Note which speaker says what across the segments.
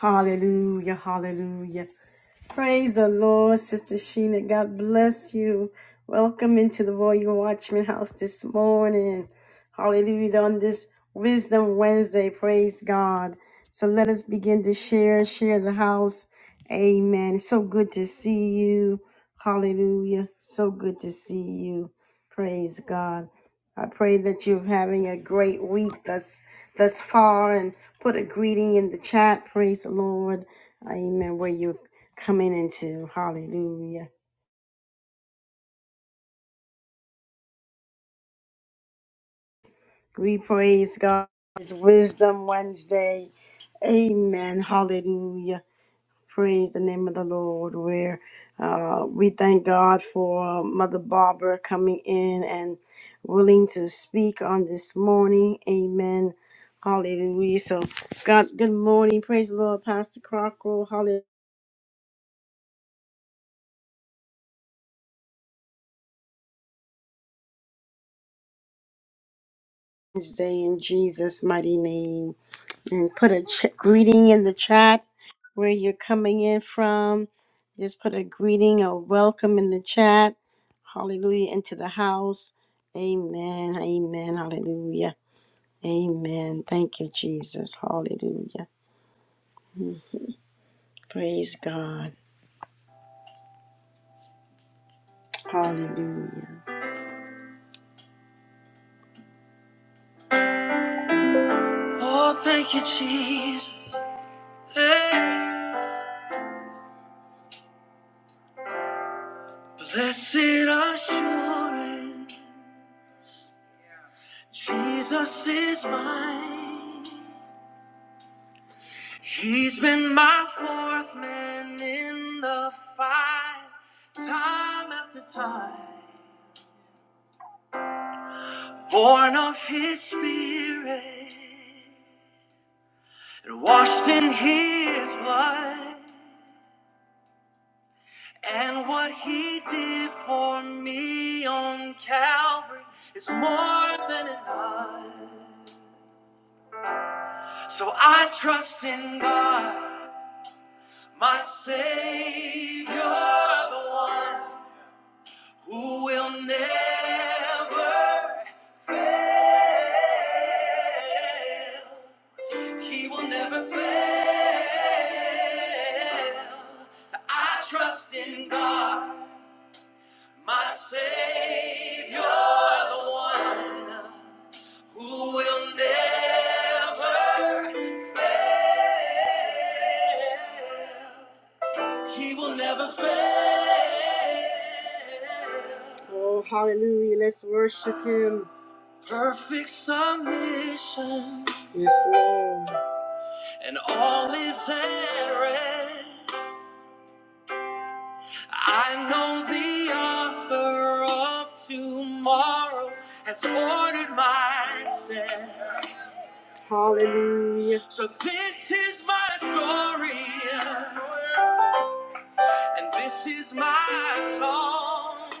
Speaker 1: Hallelujah, hallelujah. Praise the Lord, Sister Sheena. God bless you. Welcome into the Royal Watchman House this morning. Hallelujah. On this Wisdom Wednesday, praise God. So let us begin to share, share the house. Amen. It's so good to see you. Hallelujah. So good to see you. Praise God. I pray that you're having a great week thus thus far and put a greeting in the chat. Praise the Lord. Amen. Where you're coming into. Hallelujah. We praise God. It's Wisdom Wednesday. Amen. Hallelujah. Praise the name of the Lord. Where uh, we thank God for uh, Mother Barbara coming in and willing to speak on this morning. Amen. Hallelujah. So, God, good morning. Praise the Lord, Pastor Crocker. Hallelujah. Day in Jesus' mighty name. And put a ch- greeting in the chat where you're coming in from. Just put a greeting or welcome in the chat. Hallelujah. Into the house. Amen. Amen. Hallelujah. Amen. Thank you, Jesus. Hallelujah. Praise God. Hallelujah. Blessed assurance, Jesus is mine. He's been my fourth man in the fight, time after time. Born of his spirit and washed in his blood. And what he did for me on Calvary is more than enough. So I trust in God, my Savior, the one who will never fail. He will never fail. I trust in God, my Savior, the one. who will never fail. He will never fail. Oh, hallelujah. Let's worship him. Perfect submission. Yes, Lord. And all is at rest. I know the author of tomorrow has ordered my steps. Hallelujah. So this is my story, and this is my song,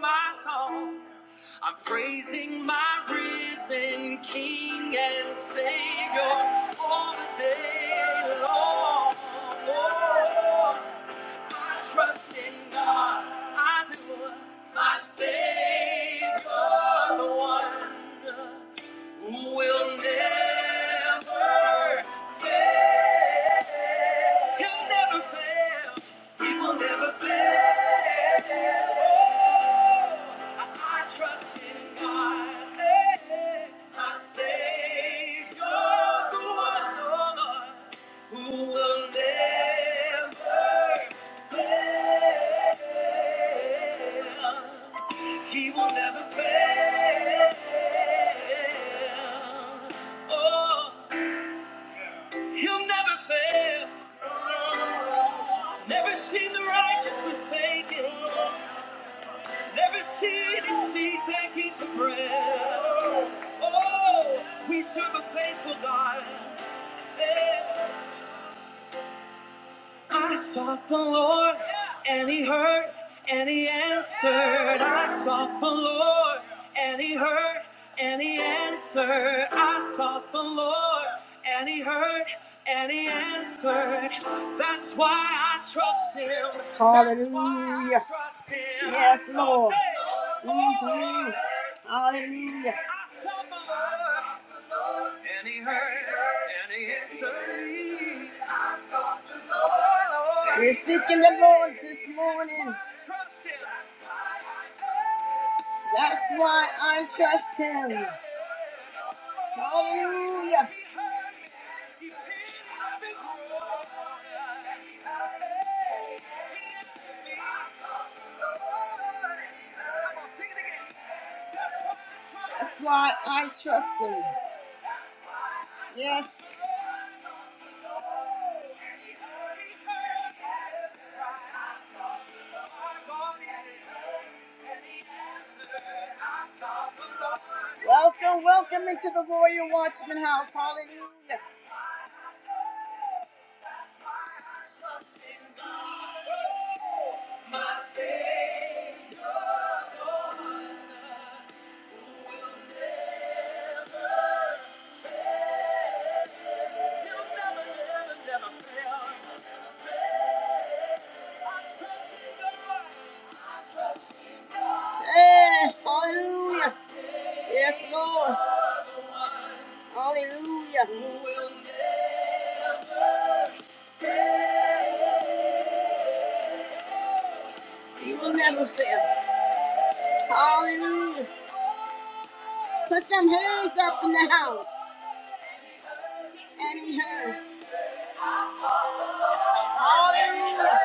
Speaker 1: my song. I'm praising my risen King and Savior all the day long. Oh, I trust in God, I do. My Savior, the one who will never fail. He'll never fail. He will never fail. Oh, I, I trust in God, eh, my Savior, the one, oh Lord, who will never fail. He will never fail. Oh, he'll never fail. Never seen the righteous forsaken. Never seen his seed begging for bread. Oh, we serve a faithful God. Yeah. I sought the Lord, and He heard, and He answered. I sought the Lord, and He heard, and He answered. I sought the Lord, and He heard, and He answered. That's why I trust Him. That's why I Hallelujah. trust Him. Yes, Lord. Mhm. Hallelujah. And he heard, and Oh, We're seeking the Lord this morning. That's why I trust him. Hallelujah. That's why I trust him. Yes. Welcome, welcome into the room. Hey, hallelujah. Yes, Lord. Hallelujah. You will never fail. Hallelujah. Put some hands up in the house. And he heard. Hallelujah.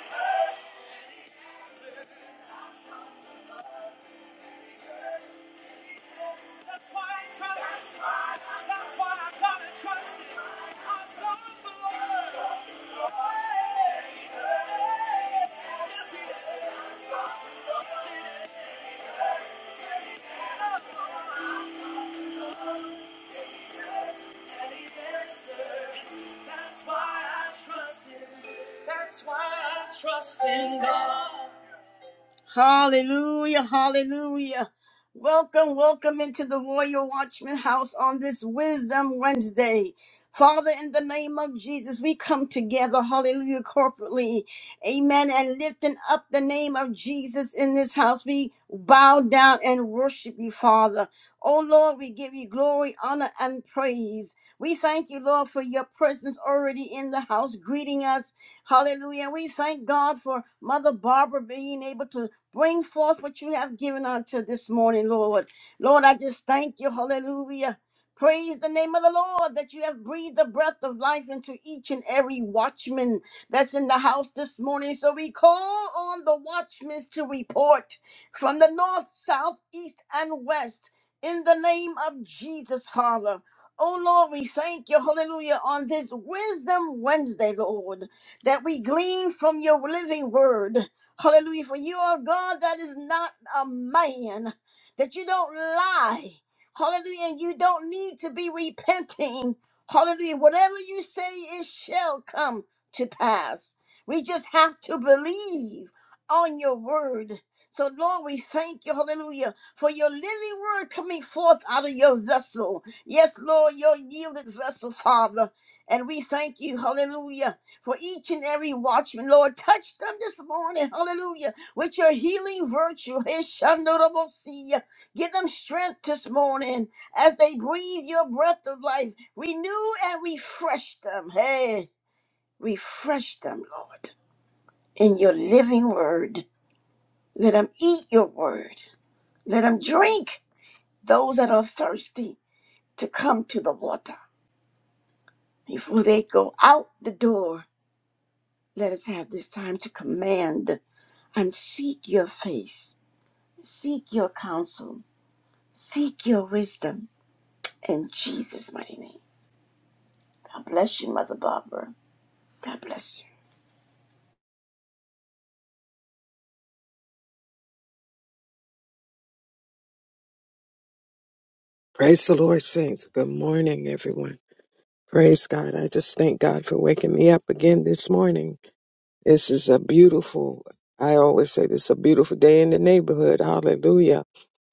Speaker 1: Glory. That's why I trust him. That's why I gotta trust him. I saw the Lord. Yes, he is. And he answered. That's why I trust him. That's why I trust in God. Hallelujah, hallelujah. Welcome, welcome into the Royal Watchman House on this Wisdom Wednesday. Father, in the name of Jesus, we come together, hallelujah, corporately, amen, and lifting up the name of Jesus in this house, we bow down and worship you, Father. Oh Lord, we give you glory, honor, and praise. We thank you, Lord, for your presence already in the house, greeting us, hallelujah. We thank God for Mother Barbara being able to Bring forth what you have given unto this morning, Lord. Lord, I just thank you. Hallelujah. Praise the name of the Lord that you have breathed the breath of life into each and every watchman that's in the house this morning. So we call on the watchmen to report from the north, south, east, and west in the name of Jesus, Father. Oh Lord, we thank you, hallelujah, on this Wisdom Wednesday, Lord, that we glean from your living word. Hallelujah. For you are God that is not a man, that you don't lie. Hallelujah. And you don't need to be repenting. Hallelujah. Whatever you say, it shall come to pass. We just have to believe on your word. So, Lord, we thank you, hallelujah, for your living word coming forth out of your vessel. Yes, Lord, your yielded vessel, Father. And we thank you, hallelujah for each and every watchman. Lord, touch them this morning. Hallelujah. With your healing virtue. Hishandorobosia. Give them strength this morning as they breathe your breath of life. Renew and refresh them. Hey, refresh them, Lord, in your living word. Let them eat your word. Let them drink those that are thirsty to come to the water before they go out the door Let us have this time to command and seek your face, seek your counsel, seek your wisdom in Jesus' mighty name. God bless you, Mother Barbara. God bless you.
Speaker 2: Praise the Lord, saints. Good morning, everyone. Praise God. I just thank God for waking me up again this morning. This is a beautiful, I always say this is a beautiful day in the neighborhood. Hallelujah.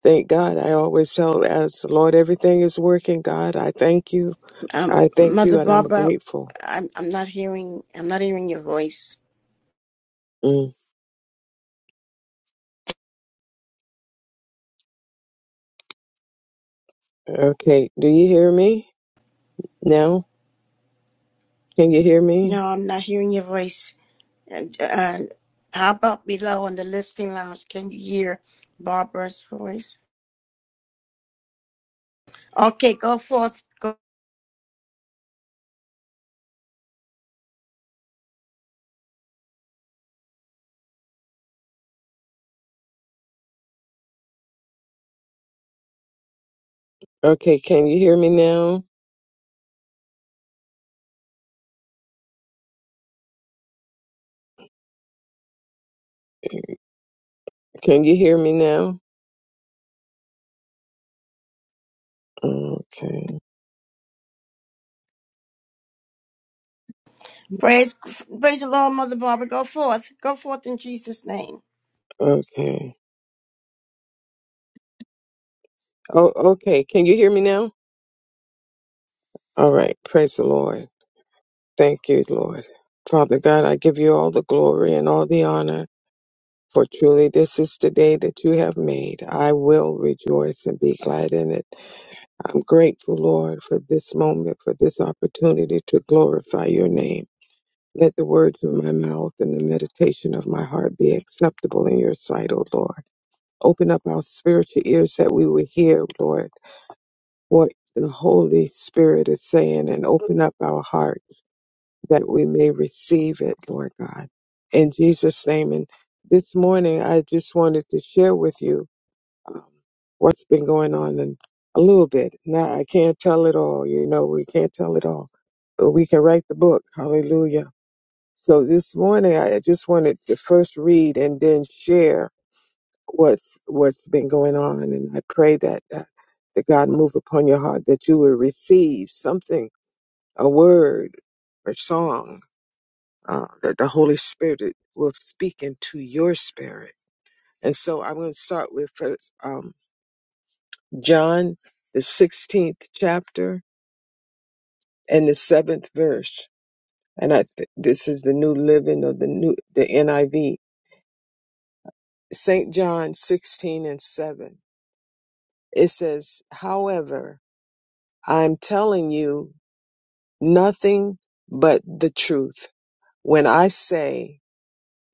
Speaker 2: Thank God. I always tell as Lord, everything is working. God, I thank you.
Speaker 1: Um,
Speaker 2: I thank
Speaker 1: Mother
Speaker 2: you and I'm
Speaker 1: Barbara,
Speaker 2: grateful.
Speaker 1: I'm, I'm not hearing I'm not hearing your voice.
Speaker 2: Mm. Okay. Do you hear me now? Can you hear me?
Speaker 1: No, I'm not hearing your voice. Uh, uh, how about below on the listening lounge? Can you hear Barbara's voice? Okay, go forth. Go
Speaker 2: Okay. Can you hear me now? Can you hear me now? Okay.
Speaker 1: Praise, praise the Lord, Mother Barbara. Go forth. Go forth in Jesus' name.
Speaker 2: Okay. Oh, okay. Can you hear me now? All right. Praise the Lord. Thank you, Lord. Father God, I give you all the glory and all the honor, for truly this is the day that you have made. I will rejoice and be glad in it. I'm grateful, Lord, for this moment, for this opportunity to glorify your name. Let the words of my mouth and the meditation of my heart be acceptable in your sight, O Lord. Open up our spiritual ears that we will hear, Lord, what the Holy Spirit is saying, and open up our hearts that we may receive it, Lord God. In Jesus' name. And this morning, I just wanted to share with you um, what's been going on and a little bit. Now, I can't tell it all. You know, we can't tell it all, but we can write the book. Hallelujah. So this morning, I just wanted to first read and then share what's what's been going on. And I pray that, that, that God move upon your heart that you will receive something, a word or song uh, that the Holy Spirit will speak into your spirit. And so I'm going to start with first, um, John, the 16th chapter and the seventh verse. And I th- this is the New Living of the New the NIV. Saint John 16 and 7. It says, "However, I'm telling you nothing but the truth when I say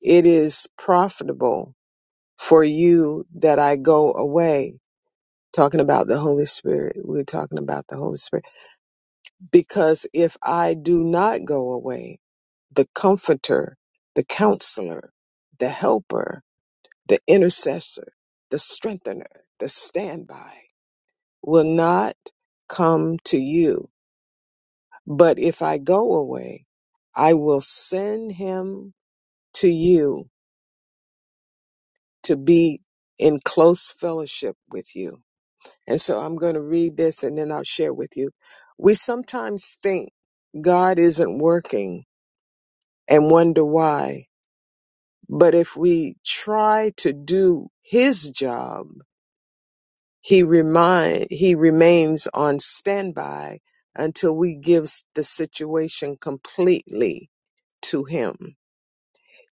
Speaker 2: it is profitable for you that I go away." talking about the Holy Spirit. We're talking about the Holy Spirit. Because if I do not go away, the comforter, the counselor, the helper, the intercessor, the strengthener, the standby will not come to you. But if I go away, I will send him to you to be in close fellowship with you And so I'm going to read this and then I'll share with you. We sometimes think God isn't working and wonder why. But if we try to do his job, he remind he remains on standby until we give the situation completely to him.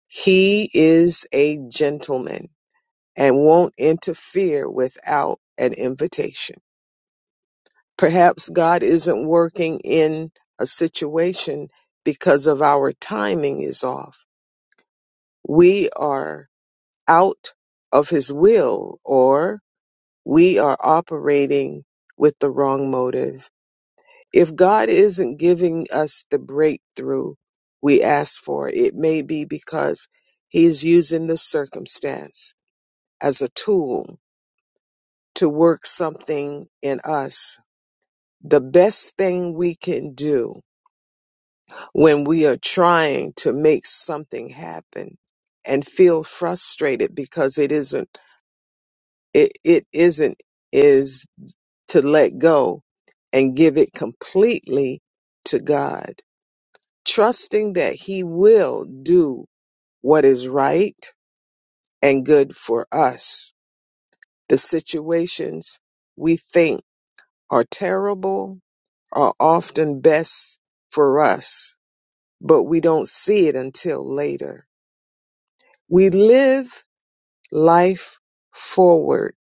Speaker 2: He is a gentleman and won't interfere without an invitation. Perhaps God isn't working in a situation because of our timing is off. We are out of his will or we are operating with the wrong motive. If God isn't giving us the breakthrough we ask for, it may be because he's using the circumstance as a tool to work something in us. The best thing we can do when we are trying to make something happen and feel frustrated because it isn't it, it isn't is to let go and give it completely to God trusting that he will do what is right and good for us the situations we think are terrible are often best for us but we don't see it until later we live life forward,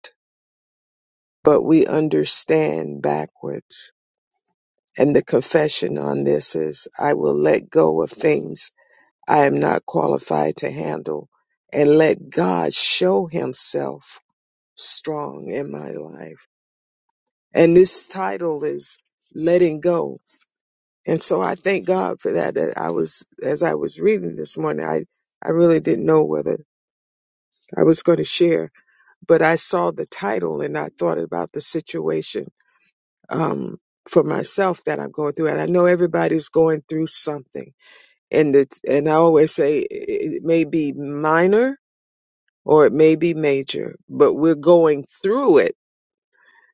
Speaker 2: but we understand backwards. And the confession on this is I will let go of things I am not qualified to handle and let God show himself strong in my life. And this title is letting go. And so I thank God for that. That I was, as I was reading this morning, I, I really didn't know whether I was going to share, but I saw the title and I thought about the situation um, for myself that I'm going through, and I know everybody's going through something, and it's, and I always say it it may be minor or it may be major, but we're going through it.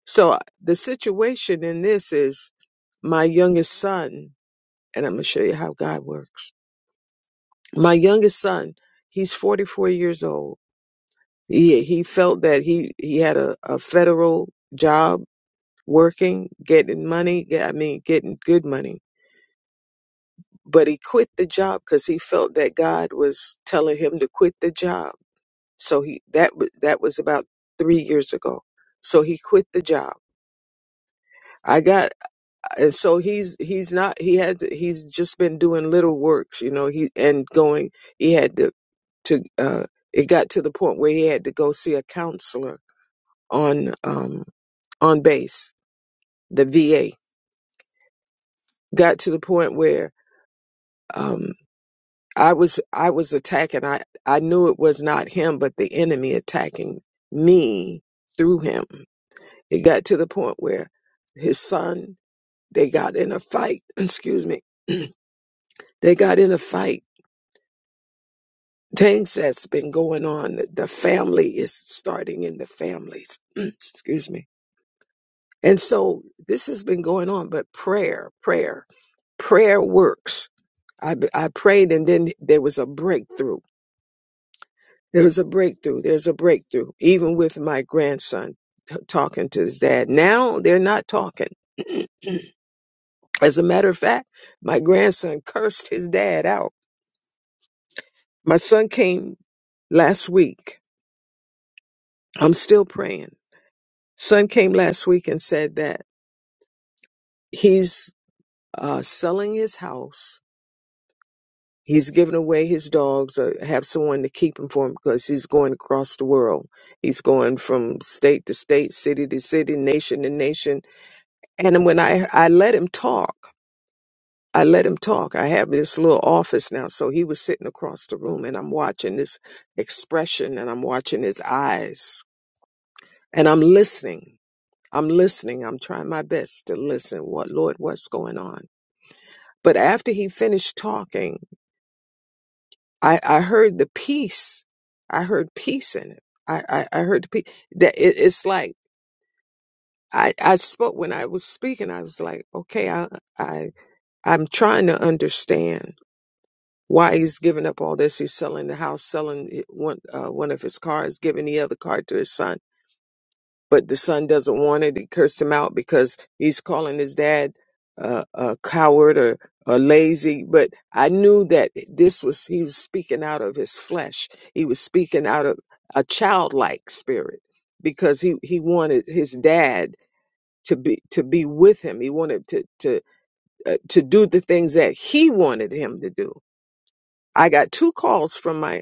Speaker 2: So uh, the situation in this is my youngest son, and I'm going to show you how God works. My youngest son, he's 44 years old. He he felt that he he had a, a federal job working, getting money. I mean, getting good money but he quit the job because he felt that God was telling him to quit the job. So he that wa- that was about three years ago. So he quit the job. I got and so he's he's not he had to, he's just been doing little works, you know. He and going he had to to uh, it got to the point where he had to go see a counselor on um, on base the VA. Got to the point where um, I was I was attacking. I I knew it was not him, but the enemy attacking me through him. It got to the point where his son they got in a fight. Excuse me. They got in a fight. Things that's been going on. The the family is starting in the families. Excuse me. And so this has been going on, but prayer, prayer, prayer works. I, I prayed and then there was a breakthrough There's a breakthrough. There's a breakthrough. Even with my grandson t- talking to his dad. Now they're not talking. As a matter of fact, my grandson cursed his dad out. My son came last week. I'm still praying. Son came last week and said that he's uh, selling his house. He's giving away his dogs or have someone to keep him for him because he's going across the world. He's going from state to state, city to city, nation to nation And when I, I let him talk, I let him talk. I have this little office now. So he was sitting across the room and I'm watching his expression and I'm watching his eyes and I'm listening. I'm listening. I'm trying my best to listen. What, Lord, what's going on? But after he finished talking, I, I heard the peace. I heard peace in it. I, I, I heard the peace that it, it's like, I, I spoke when I was speaking. I was like, okay, I, I, I'm trying to understand why he's giving up all this. He's selling the house, selling it- one uh, one of his cars, giving the other car to his son. But the son doesn't want it. He cursed him out because he's calling his dad uh, a coward or, or lazy. But I knew that this was he was speaking out of his flesh. He was speaking out of a childlike spirit because he he wanted his dad to be to be with him. He wanted to to uh, to do the things that he wanted him to do. I got two calls from my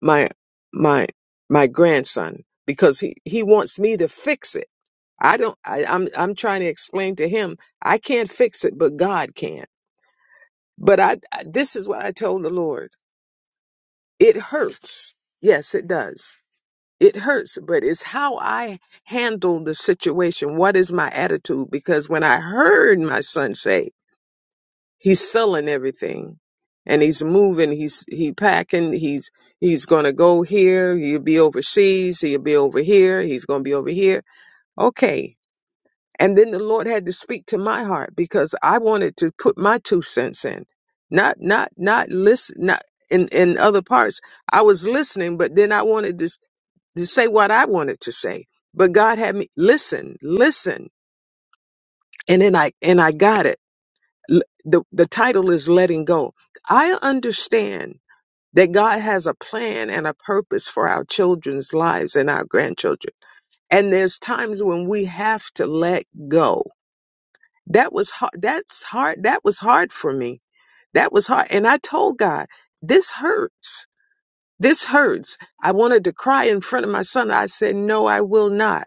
Speaker 2: my my my grandson because he he wants me to fix it i don't I, i'm i'm trying to explain to him i can't fix it but god can but i I- this is what i told the lord it hurts yes it does it hurts but it's how i handle the situation what is my attitude because when i heard my son say he's selling everything and he's moving he's he packing he's he's going to go here you'll be overseas he'll be over here he's going to be over here okay and then the lord had to speak to my heart because i wanted to put my two cents in not not not listen not in in other parts i was listening but then i wanted to, s- to say what i wanted to say but god had me listen listen and then i and i got it L- The, the title is Letting Go. I understand that God has a plan and a purpose for our children's lives and our grandchildren. And there's times when we have to let go. That was hard. That's hard. That was hard for me. That was hard. And I told God, this hurts. This hurts. I wanted to cry in front of my son. I said, no, I will not,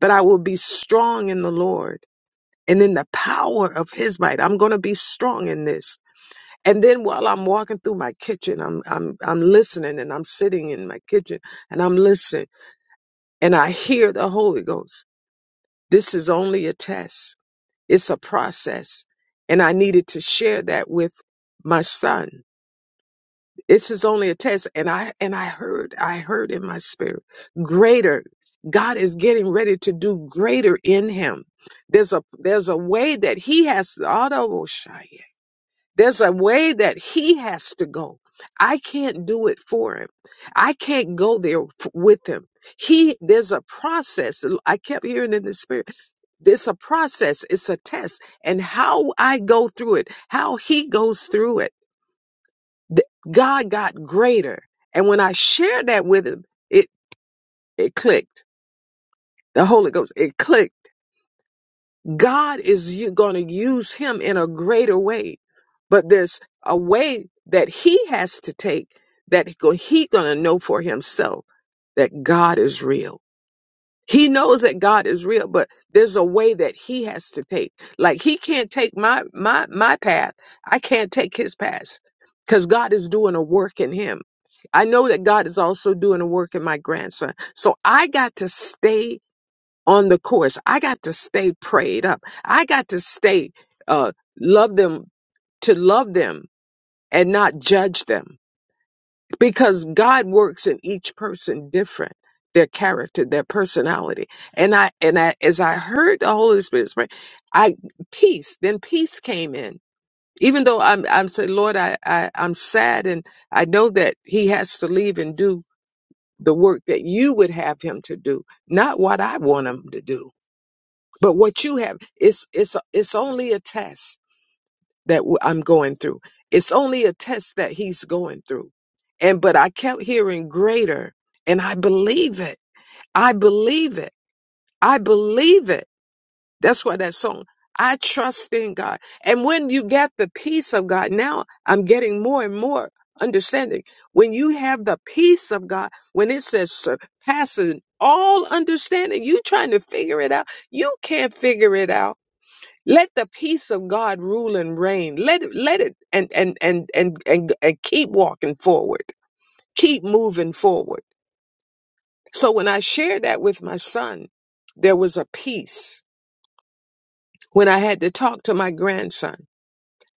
Speaker 2: but I will be strong in the Lord and in the power of his might. I'm going to be strong in this. And then while I'm walking through my kitchen, I'm I'm I'm listening and I'm sitting in my kitchen and I'm listening and I hear the Holy Ghost. This is only a test. It's a process. And I needed to share that with my son. This is only a test. And I and I heard, I heard in my spirit, greater. God is getting ready to do greater in him. There's a there's a way that he has There's a way that he has to go. I can't do it for him. I can't go there f- with him. He, there's a process. I kept hearing in the spirit, there's a process. It's a test. And how I go through it, how he goes through it, th- God got greater. And when I shared that with him, it, it clicked. The Holy Ghost, it clicked God is going to use him in a greater way, but there's a way that he has to take that he go- he going to know for himself that God is real. He knows that God is real, but there's a way that he has to take. Like he can't take my my my path. I can't take his path because God is doing a work in him. I know that God is also doing a work in my grandson. So I got to stay on the course. I got to stay prayed up. I got to stay uh love them to love them and not judge them because God works in each person different their character their personality and i and i as i heard the holy spirit pray i peace then peace came in even though i'm i'm saying lord I, I i'm sad and i know that he has to leave and do the work that you would have him to do not what i want him to do But what you have, it's it's it's only a test that w- I'm going through. It's only a test that he's going through. And but I kept hearing greater, and I believe it. I believe it. I believe it. That's why that song. I trust in God. And when you get the peace of God, now I'm getting more and more understanding. When you have the peace of God, when it says surpassing all understanding, you trying to figure it out. You can't figure it out let the peace of God rule and reign. Let it, let it and and and and and, and keep walking forward. Keep moving forward. So when I shared that with my son, there was a peace. When I had to talk to my grandson,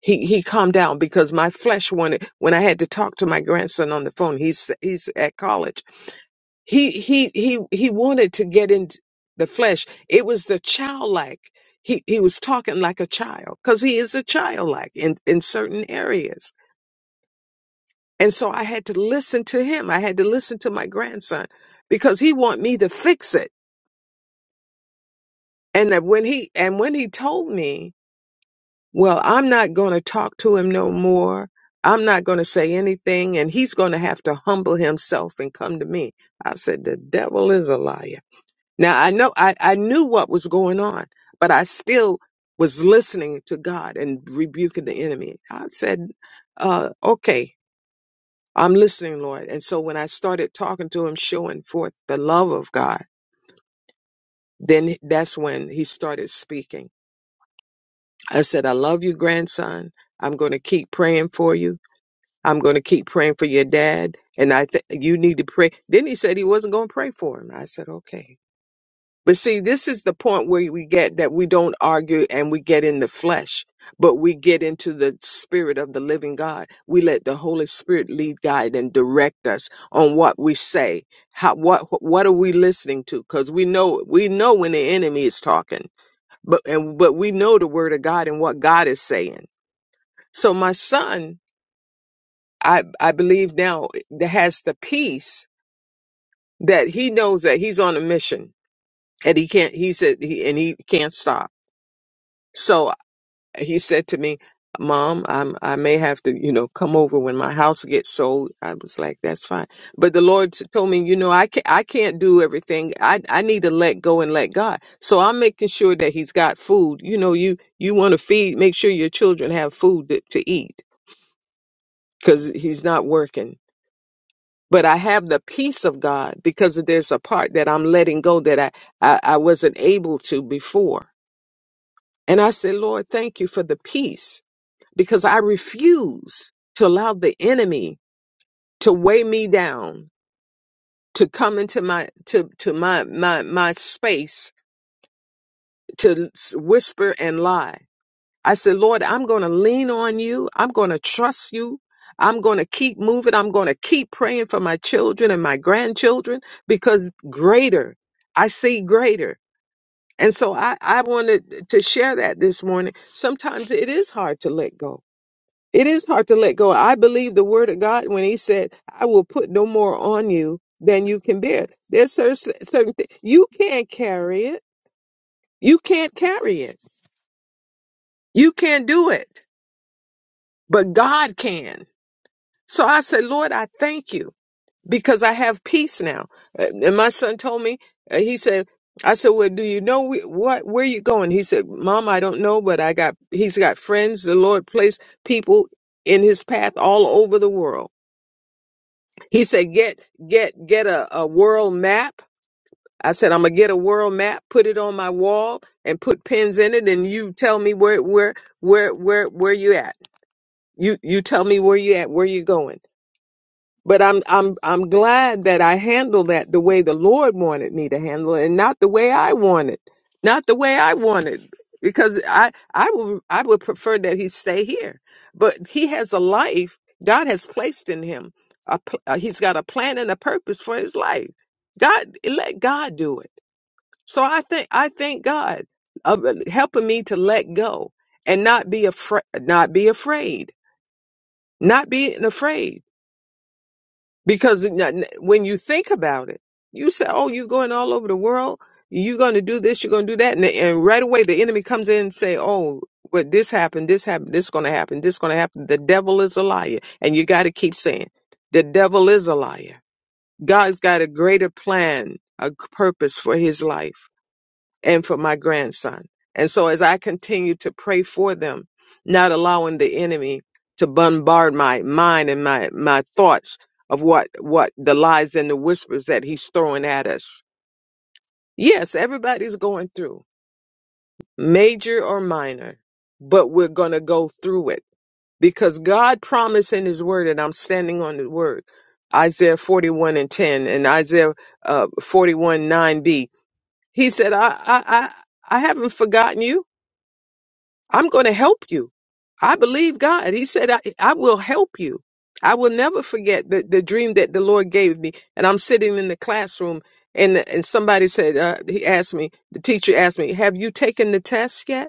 Speaker 2: he he calmed down because my flesh wanted. When I had to talk to my grandson on the phone, he's he's at college. he he he he wanted to get in the flesh it was the childlike he he was talking like a child because he is a childlike in in certain areas and so i had to listen to him i had to listen to my grandson because he want me to fix it and that when he and when he told me well i'm not going to talk to him no more i'm not going to say anything and he's going to have to humble himself and come to me i said the devil is a liar Now I know I, I knew what was going on, but I still was listening to God and rebuking the enemy. I said, uh, okay, I'm listening, Lord. And so when I started talking to him, showing forth the love of God, then that's when he started speaking. I said, I love you, grandson. I'm going to keep praying for you. I'm going to keep praying for your dad. And I, th- you need to pray. Then he said he wasn't going to pray for him. I said, okay. But see, this is the point where we get that we don't argue and we get in the flesh, but we get into the spirit of the living God. We let the Holy Spirit lead, guide, and direct us on what we say. How, what, what are we listening to? Cause we know, we know when the enemy is talking, but, and, but we know the word of God and what God is saying. So my son, I, I believe now that has the peace that he knows that he's on a mission and he can't, he said, he, and he can't stop. So he said to me, "Mom, I'm I may have to, you know, come over when my house gets sold." I was like, "That's fine." But the Lord told me, "You know, I can't I can't do everything. I I need to let go and let God." So I'm making sure that He's got food. You know, you you want to feed, make sure your children have food to, to eat because He's not working. But I have the peace of God because there's a part that I'm letting go that I, I, I wasn't able to before. And I said, Lord, thank you for the peace because I refuse to allow the enemy to weigh me down, to come into my to to my my my space to s- whisper and lie. I said, Lord, I'm going to lean on you. I'm going to trust you. I'm going to keep moving. I'm going to keep praying for my children and my grandchildren because greater, I see greater. And so I, I wanted to share that this morning. Sometimes it is hard to let go It is hard to let go. I believe the word of God when he said, I will put no more on you than you can bear. There's cer- certain things you can't carry it. You can't carry it. You can't do it, but God can. So I said, Lord, I thank you because I have peace now. Uh, And my son told me, uh, he said, I said, well, do you know wh- what, where you going? He said, mom, I don't know, but I got, he's got friends. The Lord placed people in his path all over the world. He said, get, get, get a, a world map. I said, I'm gonna get a world map, put it on my wall and put pins in it. And you tell me where, where, where, where, where you at. You, you tell me where you at, where you going. But I'm I'm I'm glad that I handled that the way the Lord wanted me to handle it, and not the way I wanted, not the way I wanted, because I I would I would prefer that he stay here. But he has a life God has placed in him. A, pl- uh, he's got a plan and a purpose for his life. God let God do it. So I think I thank God of uh, helping me to let go and not be afraid, not be afraid, not being afraid because when you think about it, you say, "Oh, you're going all over the world. You're going to do this. You're going to do that," and, and right away the enemy comes in and say, "Oh, but this happened. This happened. This going to happen. This going to happen." The devil is a liar, and you got to keep saying, "The devil is a liar." God's got a greater plan, a purpose for his life and for my grandson. And so as I continue to pray for them, not allowing the enemy to bombard my mind and my, my thoughts of what, what the lies and the whispers that he's throwing at us. Yes, everybody's going through major or minor, but we're going to go through it because God promised in his word and I'm standing on the word. Isaiah 41 and 10 and Isaiah uh, 41 9b. He said, I, I, I, I haven't forgotten you. I'm going to help you. I believe God. He said, I, I will help you. I will never forget the, the dream that the Lord gave me. And I'm sitting in the classroom and, and somebody said, uh, he asked me, the teacher asked me, have you taken the test yet?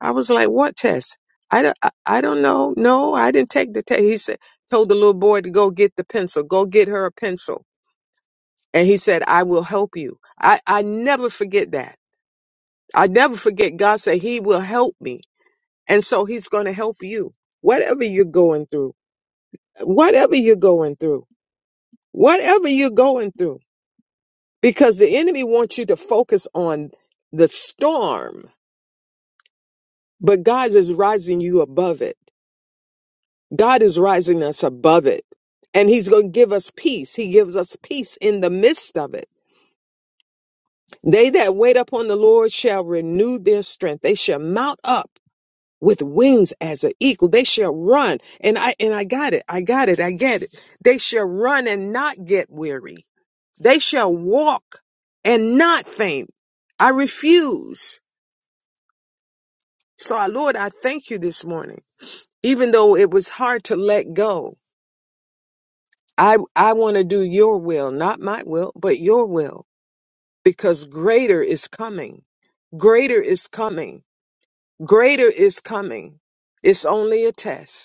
Speaker 2: I was like, what test? I don't, I, I don't know. No, I didn't take the test. He said, told the little boy to go get the pencil, go get her a pencil. And he said, I will help you. I, I never forget that. I never forget God said he will help me. And so he's going to help you. Whatever you're going through, whatever you're going through, whatever you're going through, because the enemy wants you to focus on the storm, but God is rising you above it. God is rising us above it. And he's going to give us peace. He gives us peace in the midst of it. They that wait upon the Lord shall renew their strength. They shall mount up. with wings as an eagle. They shall run. And I, and I got it. I got it. I get it. They shall run and not get weary. They shall walk and not faint. I refuse. So I, Lord, I thank you this morning. Even though it was hard to let go, I, I want to do your will, not my will, but your will, because greater is coming. Greater is coming. Greater is coming. It's only a test.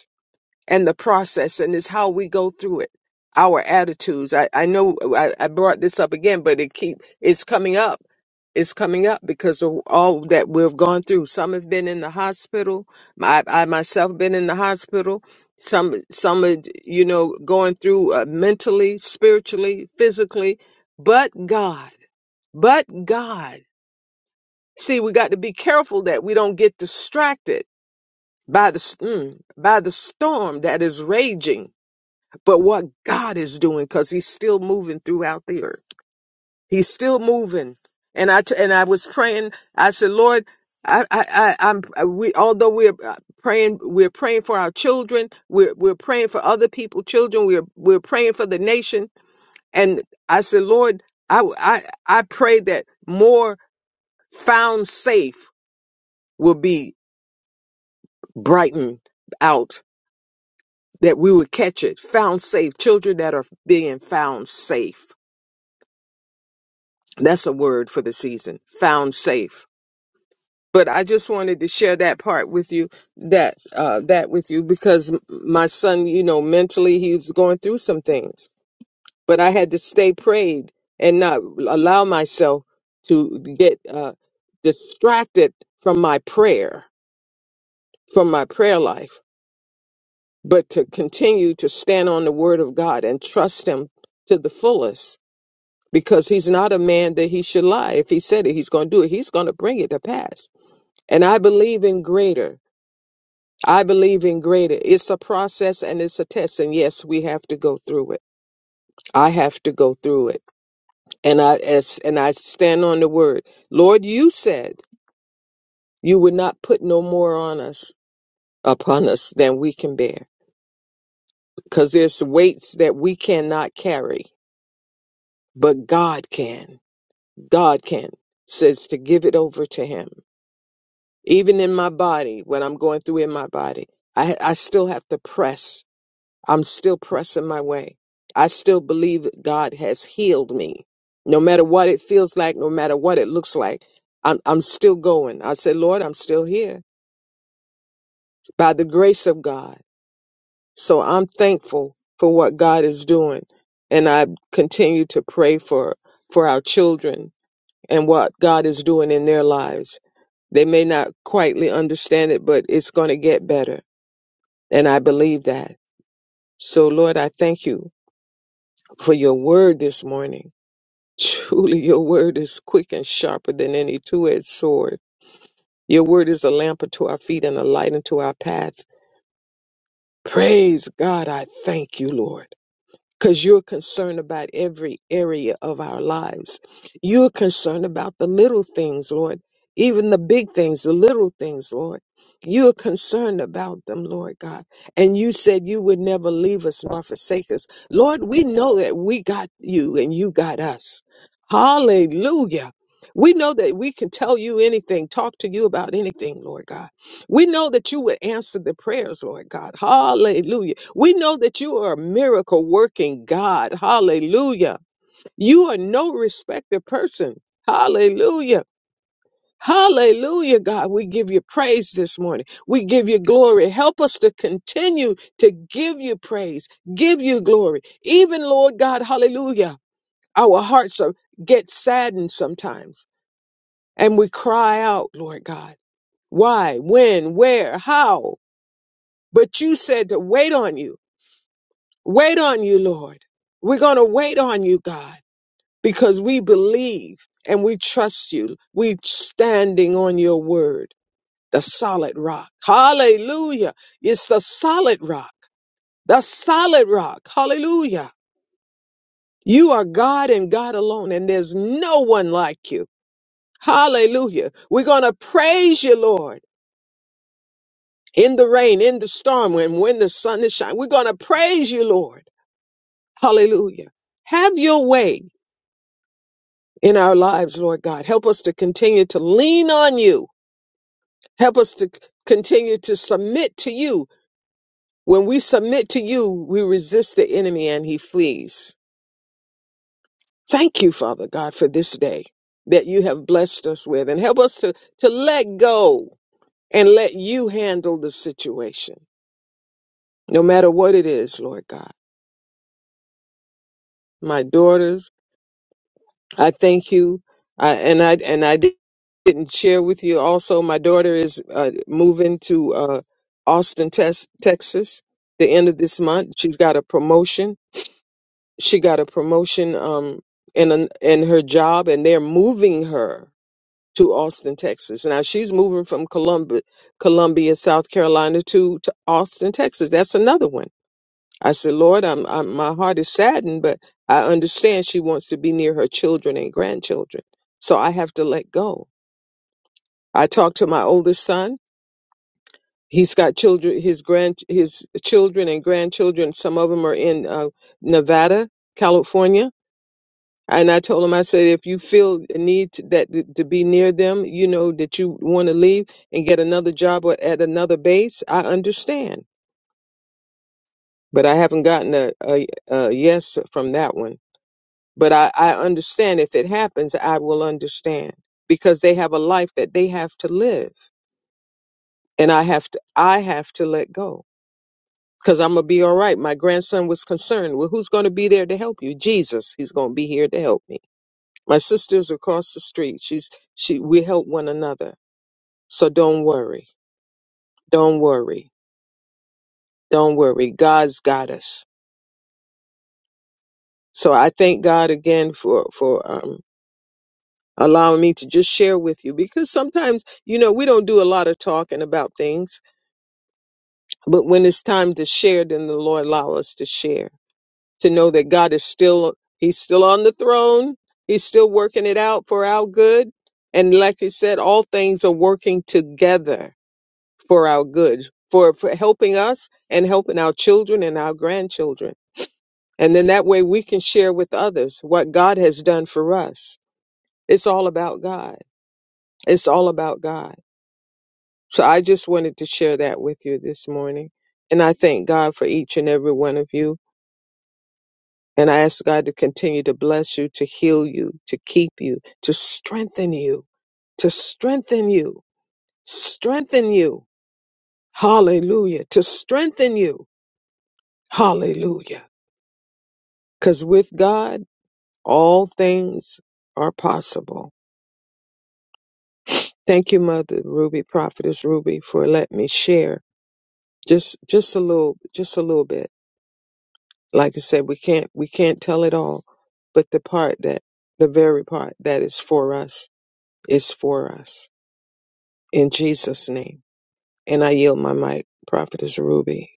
Speaker 2: and the process and it's how we go through it our attitudes i, I know I, I brought this up again but it keep it's coming up it's coming up because of all that we've gone through some have been in the hospital i, I myself been in the hospital some some are, you know going through uh, mentally spiritually physically but god but god see we got to be careful that we don't get distracted by the s- mm, by the storm that is raging but what God is doing because he's still moving throughout the earth. He's still moving. And I t- and I was praying. I said, Lord, I I, I I'm I- we although we're uh, praying, we're praying for our children. We're we're praying for other people, children. We're we're praying for the nation. And I said, Lord, I I I pray that more found safe will be brightened out. That we would catch it, found safe children that are being found safe That's a word for the season. Found safe. But I just wanted to share that part with you, that uh, that with you, because m- my son, you know, mentally he was going through some things, but I had to stay prayed and not allow myself to get uh, distracted from my prayer, from my prayer life, but to continue to stand on the Word of God and trust Him to the fullest, because He's not a man that He should lie. If He said it, He's going to do it. He's going to bring it to pass And I believe in greater. I believe in greater. It's a process and it's a test. And yes, we have to go through it. I have to go through it. And I as and I stand on the word. Lord, you said you would not put no more on us upon us than we can bear. Because there's weights that we cannot carry, but God can. God can. Says to give it over to him. Even in my body, what I'm going through in my body, I I still have to press I'm still pressing my way. I still believe that God has healed me. No matter what it feels like, no matter what it looks like, I'm, I'm still going. I said, Lord, I'm still here by the grace of God. So I'm thankful for what God is doing. And I continue to pray for, for our children and what God is doing in their lives. They may not quietly understand it, but it's going to get better. And I believe that. So Lord, I thank you for your word this morning. Truly, your word is quick and sharper than any two edged sword. Your word is a lamp unto our feet and a light unto our path. Praise God, I thank you, Lord because you're concerned about every area of our lives. You're concerned about the little things, Lord, even the big things, the little things, Lord. You're concerned about them, Lord God. And you said you would never leave us nor forsake us. Lord, we know that we got you and you got us. Hallelujah. We know that we can tell you anything, talk to you about anything, Lord God. We know that you would answer the prayers, Lord God. Hallelujah. We know that you are a miracle working God. Hallelujah. You are no respected person. Hallelujah. Hallelujah, God. We give you praise this morning. We give you glory. Help us to continue to give you praise, give you glory. Even, Lord God, hallelujah. Our hearts are, get saddened sometimes and we cry out, Lord God. Why, when, where, how? But you said to wait on you. Wait on you, Lord. We're going to wait on you, God, because we believe and we trust you. We're standing on your word, the solid rock. Hallelujah. It's the solid rock, the solid rock. Hallelujah. You are God and God alone, and there's no one like you. Hallelujah. We're going to praise you, Lord, in the rain, in the storm, and when the sun is shining. We're going to praise you, Lord. Hallelujah. Have your way in our lives, Lord God. Help us to continue to lean on you. Help us to c- continue to submit to you. When we submit to you, we resist the enemy and he flees. Thank you, Father God, for this day that you have blessed us with and help us to, to let go and let you handle the situation, no matter what it is, Lord God. My daughters, I thank you. I, and I and I di- didn't share with you. Also, my daughter is uh, moving to uh, Austin, Tex Texas, the end of this month. She's got a promotion. She got a promotion um, in an, in her job, and they're moving her to Austin, Texas. Now she's moving from Columbia, Columbia, South Carolina, to to Austin, Texas. That's another one. I said, Lord, I'm, I'm, my heart is saddened, but I understand she wants to be near her children and grandchildren. So I have to let go. I talked to my oldest son. He's got children, his grand, his children and grandchildren. Some of them are in uh, Nevada, California. And I told him, I said, if you feel a need to, that to be near them, you know, that you want to leave and get another job or at another base, I understand. But I haven't gotten a, a, a yes from that one But I, I understand if it happens, I will understand because they have a life that they have to live. And I have to I have to let go. Because I'm gonna be all right. My grandson was concerned. Well, who's gonna be there to help you? Jesus, he's gonna be here to help me. My sister's across the street. She's she we help one another. So don't worry. Don't worry. Don't worry. God's got us. So I thank God again for for um allowing me to just share with you because sometimes, you know, we don't do a lot of talking about things, but when it's time to share, then the Lord allow us to share, to know that God is still, he's still on the throne. He's still working it out for our good. And like he said, all things are working together for our good, for, for helping us and helping our children and our grandchildren. And then that way we can share with others what God has done for us. It's all about God. It's all about God. So I just wanted to share that with you this morning. And I thank God for each and every one of you. And I ask God to continue to bless you, to heal you, to keep you, to strengthen you, to strengthen you, strengthen you. Hallelujah. To strengthen you. Hallelujah. Because with God, all things are possible. Thank you, Mother Ruby, Prophetess Ruby, for letting me share just just a little just a little bit. Like I said, we can't we can't tell it all, but the part that the very part that is for us is for us in Jesus' name. And I yield my mic, Prophetess Ruby.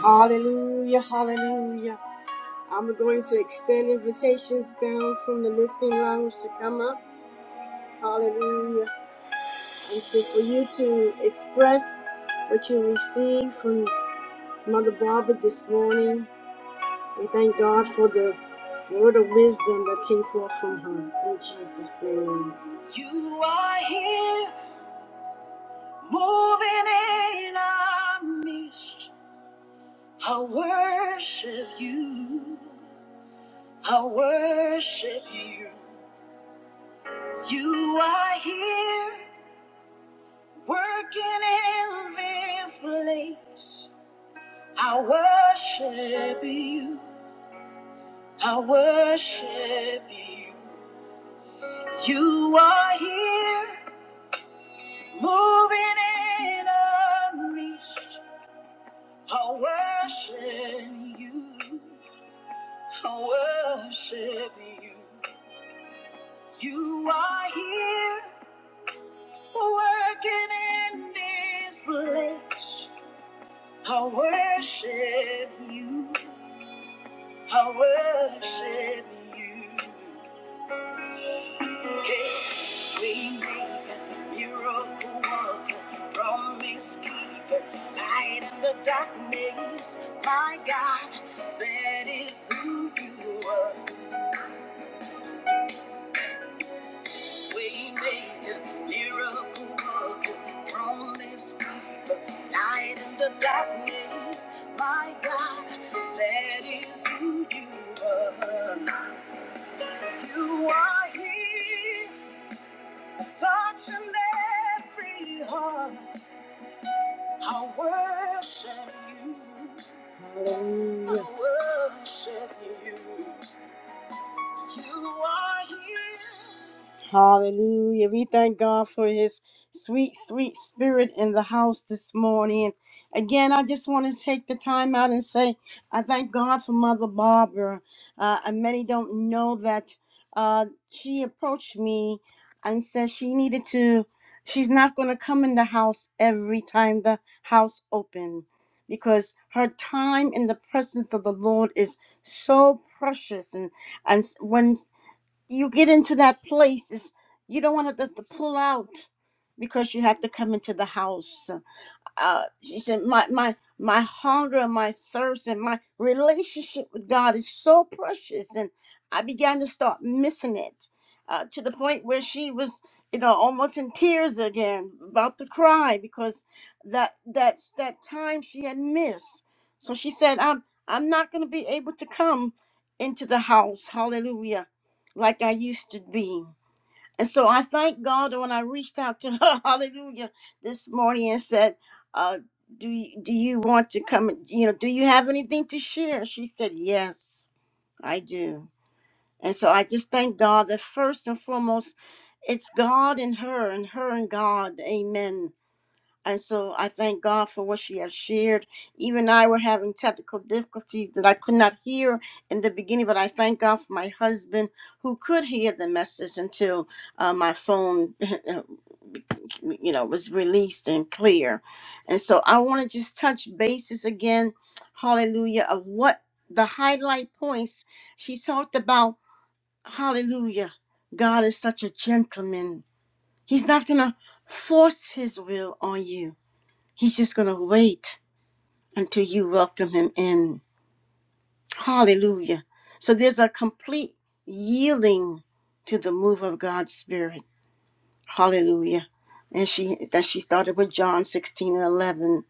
Speaker 1: Hallelujah, hallelujah. I'm going to extend invitations down from the listening lounge to come up. Hallelujah. And so for you to express what you received from Mother Barbara this morning, we thank God for the word of wisdom that came forth from her. In Jesus' name. You are here, moving in our midst. I worship you. I worship you. You are here working in this place. I worship you. I worship you. You are here moving in a midst. I worship you. I worship you. You are here. Working in this place, I worship you. I worship you. Hey, we make miracle worker, promise keeper, light in the darkness. My God, that is who you are. Waymaker, miracle worker, promise keeper, light in the darkness. My God, that is who you are. You are here, touching every heart. I worship you. I worship you. Hallelujah. We thank God for his sweet, sweet spirit in the house this morning. Again, I just want to take the time out and say I thank God for Mother Barbara. Uh, and many don't know that uh, she approached me and said she needed to, she's not going to come in the house every time the house open because her time in the presence of the Lord is so precious and. And s- when you get into that place, is you don't want to, to pull out because you have to come into the house uh, she said, my, my, my hunger and my thirst and my relationship with God is so precious. And I began to start missing it uh, to the point where she was, you know, almost in tears again, about to cry because that, that, that time she had missed. So she said, I'm, I'm not going to be able to come into the house. Hallelujah. Like I used to be. And so I thank God when I reached out to her, hallelujah, this morning and said, uh, do you, do you want to come, and- you know, do you have anything to share? She said, yes, I do. And so I just thank God that first and foremost, it's God and her and her and God. Amen. And so I thank God for what she has shared. Even I were having technical difficulties that I could not hear in the beginning, but I thank God for my husband who could hear the message until uh, my phone, you know, was released and clear. And so I want to just touch bases again, hallelujah, of what the highlight points she talked about. Hallelujah. God is such a gentleman. He's not going to force his will on you. He's just going to wait until you welcome him in. Hallelujah. So there's a complete yielding to the move of God's Spirit. Hallelujah. And she that she started with John 16 and 11.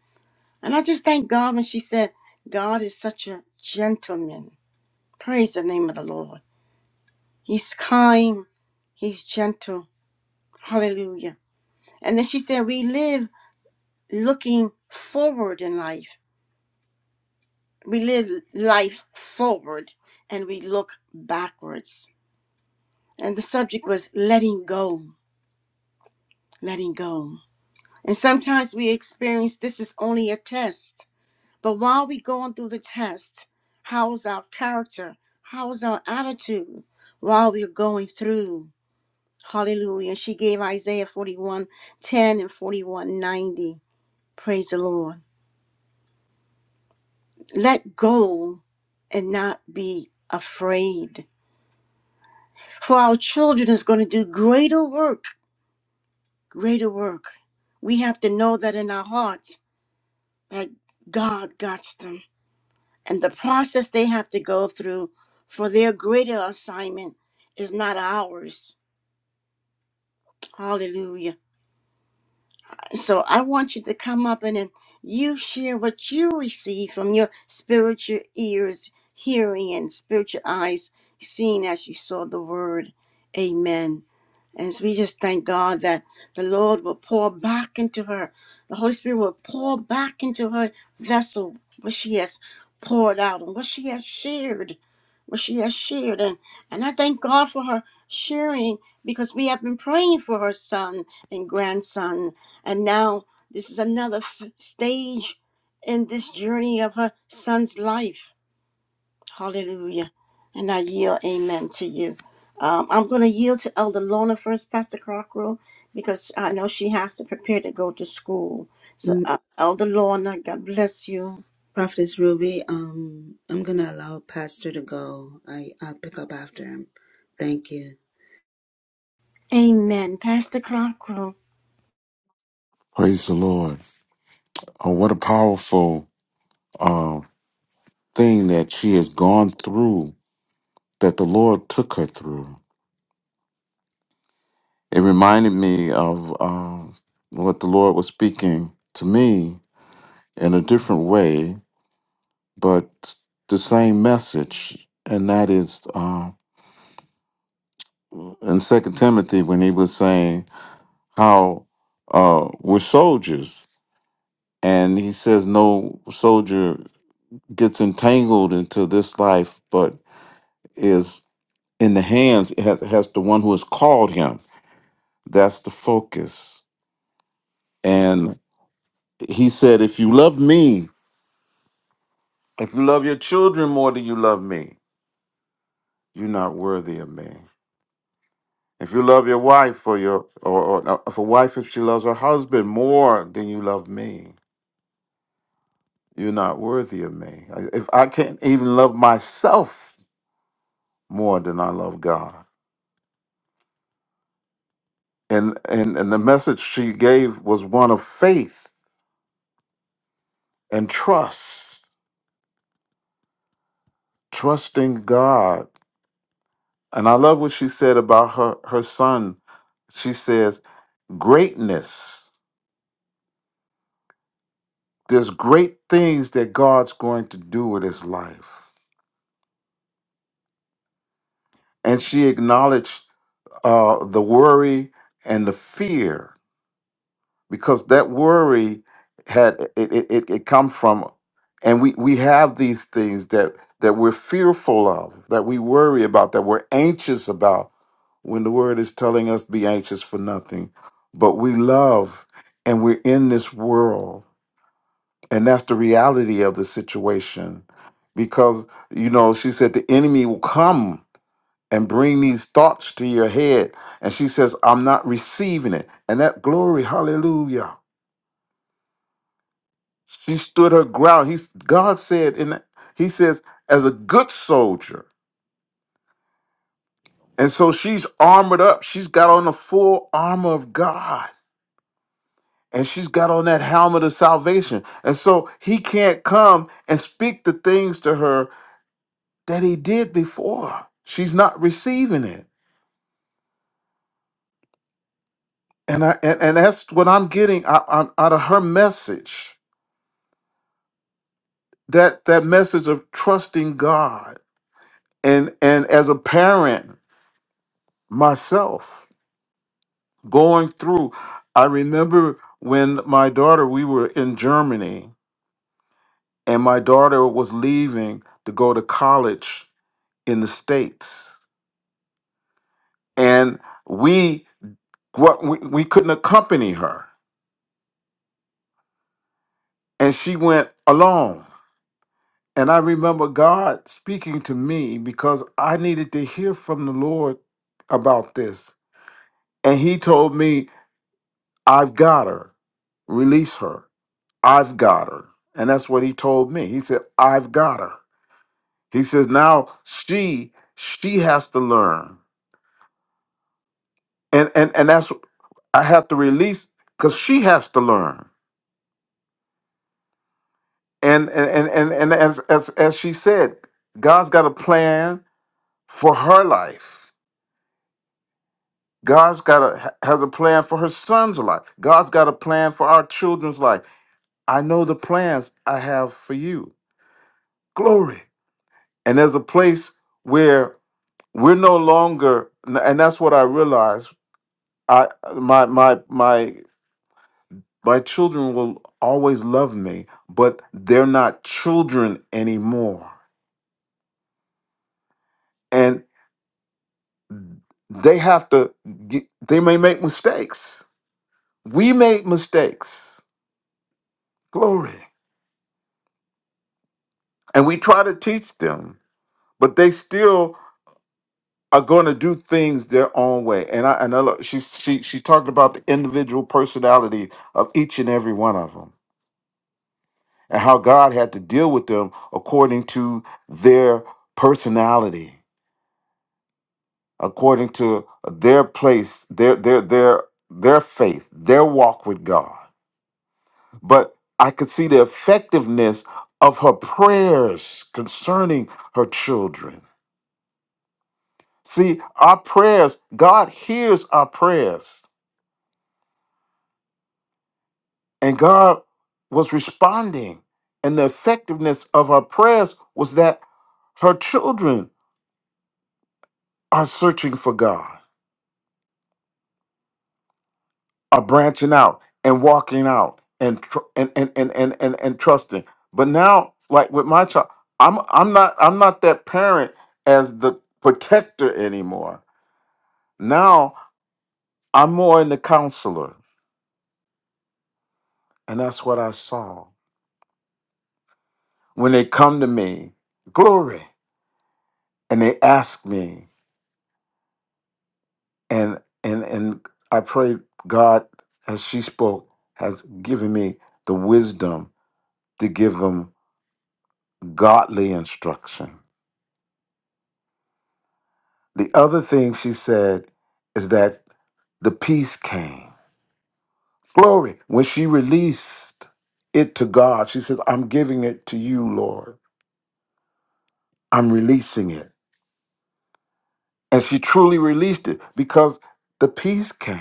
Speaker 1: And I just thank God when she said, God is such a gentleman. Praise the name of the Lord. He's kind. He's gentle. Hallelujah. And then she said, we live looking forward in life we live life forward and we look backwards. And the subject was letting go, letting go. And sometimes we experience this is only a test. But while we're going through the test, how is our character? How is our attitude while we're going through? Hallelujah. She gave Isaiah 41 10 and 41 90. Praise the Lord. Let go and not be afraid for our children is going to do greater work, greater work. We have to know that in our hearts that God got them. And the process they have to go through for their greater assignment is not ours. Hallelujah. So I want you to come up and then you share what you receive from your spiritual ears hearing and spiritual eyes seeing as you saw the word. Amen. And so we just thank God that the Lord will pour back into her. The Holy Spirit will pour back into her vessel what she has poured out and what she has shared. What she has shared. And, and I thank God for her sharing because we have been praying for her son and grandson. And now this is another f- stage in this journey of her son's life Hallelujah. And I yield amen to you. Um, I'm going to yield to Elder Lorna first, Pastor Crocker, because I know she has to prepare to go to school. So,
Speaker 3: Mm,
Speaker 1: uh, Elder Lorna, God bless you.
Speaker 3: Prophetess Ruby, um, I'm gonna allow Pastor to go. I I'll pick up after him. Thank you.
Speaker 1: Amen. Pastor Crocker.
Speaker 4: Praise the Lord. Oh, what a powerful uh, thing that she has gone through, that the Lord took her through. It reminded me of um, what the Lord was speaking to me in a different way, but the same message. And that is uh, in Second Timothy when he was saying how uh, we're soldiers. And he says, no soldier gets entangled into this life, but is in the hands has, has the one who has called him that's the focus and he said if you love me if you love your children more than you love me you're not worthy of me if you love your wife or your or, or no, if a wife if she loves her husband more than you love me you're not worthy of me I- if i can't even love myself more than i love god and and and the message she gave was one of faith and trust trusting god And I love what she said about her her son. She says, "Greatness. There's great things that God's going to do with his life." And she acknowledged uh, the worry and the fear because that worry had it it, it, it come from and we we have these things that that we're fearful of that we worry about that we're anxious about when the word is telling us be anxious for nothing but we love and we're in this world and that's the reality of the situation because you know she said the enemy will come and bring these thoughts to your head and she says i'm not receiving it and that glory hallelujah She stood her ground. He's God said, and he says, as a good soldier. And so she's armored up. She's got on the full armor of God. And she's got on that helmet of salvation. And so he can't come and speak the things to her that he did before. She's not receiving it. And I and, and that's what I'm getting out, out out of her message. That that message of trusting God. And and as a parent myself, going through. I remember when my daughter, we were in Germany, and my daughter was leaving to go to college in the States. And we what we, we couldn't accompany her. And she went alone. And I remember God speaking to me because I needed to hear from the Lord about this. And he told me, I've got her. Release her. I've got her. And that's what he told me. He said, I've got her. He says now she she has to learn, and and and that's I have to release because she has to learn. And and and and, and as, as as she said, God's got a plan for her life. God's got a has a plan for her son's life. God's got a plan for our children's life. I know the plans I have for you. Glory. And there's a place where we're no longer, and that's what I realized. I my my my My children will always love me, but they're not children anymore. And they have to, get, they may make mistakes. We make mistakes. Glory. And we try to teach them, but they still are going to do things their own way. And I, and I love, she, she, she talked about the individual personality of each and every one of them and how God had to deal with them according to their personality according to their place, their their their their faith, their walk with God. But I could see the effectiveness of her prayers concerning her children. See, our prayers, God hears our prayers, and God was responding. And the effectiveness of her prayers was that her children are searching for God. are branching out and walking out and tr- and, and and and and and trusting. But now, like with my child, I'm I'm not I'm not that parent as the protector anymore. Now I'm more in the counselor, and that's what I saw when they come to me, glory, and they ask me, and and and I pray God as she spoke has given me the wisdom to give them godly instruction The other thing she said is that the peace came. Glory. When she released it to God, she says, I'm giving it to you, Lord. I'm releasing it. And she truly released it because the peace came.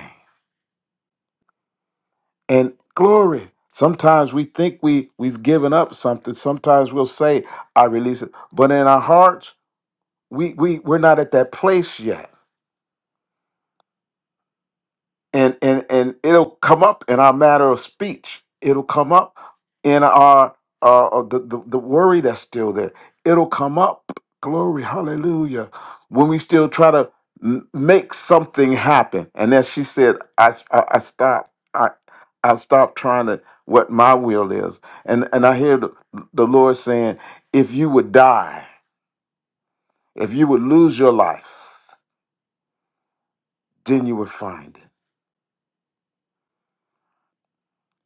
Speaker 4: And glory. Sometimes we think we, we've given up something. Sometimes we'll say, I release it. But in our hearts, we, we, we're not at that place yet and and and it'll come up in our matter of speech. It'll come up in our uh, uh, the, the the worry that's still there. It'll come up. Glory, hallelujah. When we still try to m- make something happen, and as she said, I I, I stop. I I stop trying to what my will is, and and I hear the, the Lord saying, if you would die, if you would lose your life, then you would find it.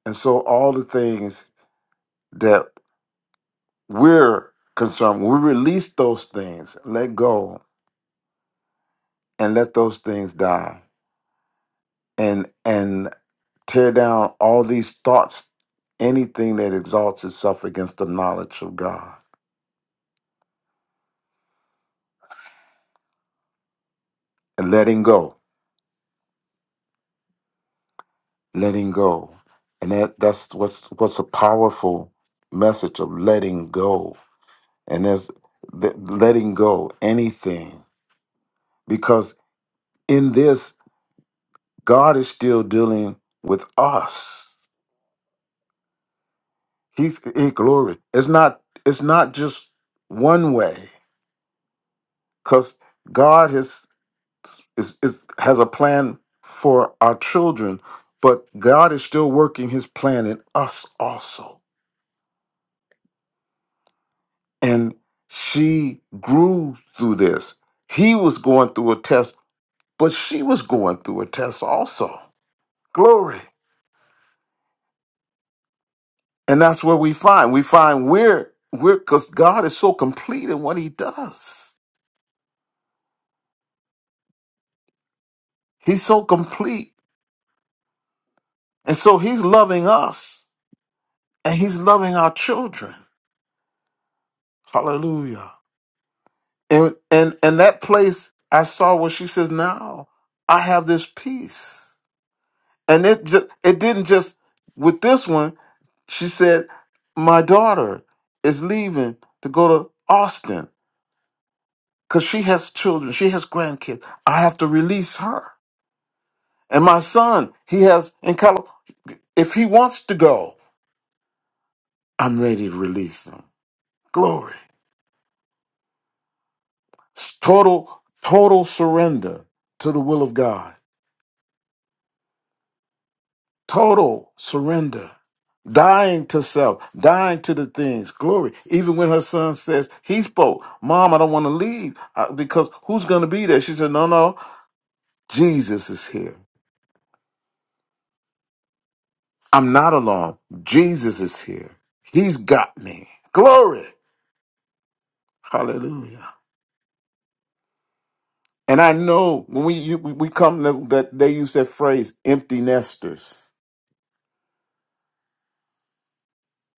Speaker 4: And so all the things we're concerned when we release those things let go and let those things die and and tear down all these thoughts anything that exalts itself against the knowledge of god and letting go letting go and that that's what's what's a powerful message of letting go and as letting go anything because in this god is still dealing with us He's he, glory. It's not it's not just one way because God has is, is has a plan for our children, but God is still working His plan in us also. And she grew through this. He was going through a test, but she was going through a test also. Glory. And that's where we find we find we're we're because God is so complete in what He does. He's so complete And so he's loving us and he's loving our children. Hallelujah. And and and that place I saw where she says, Now I have this peace. And it just it didn't just with this one, she said, My daughter is leaving to go to Austin because she has children, she has grandkids. I have to release her. And my son, he has in California, if he wants to go, I'm ready to release him. Glory. Total, total surrender to the will of God. Total surrender. Dying to self, dying to the things. Glory. Even when her son says, he spoke, Mom, I don't want to leave uh, because who's going to be there? She said, No, no, Jesus is here. I'm not alone. Jesus is here. He's got me. Glory. Hallelujah. And I know when we you, we we come to- that they use that phrase empty nesters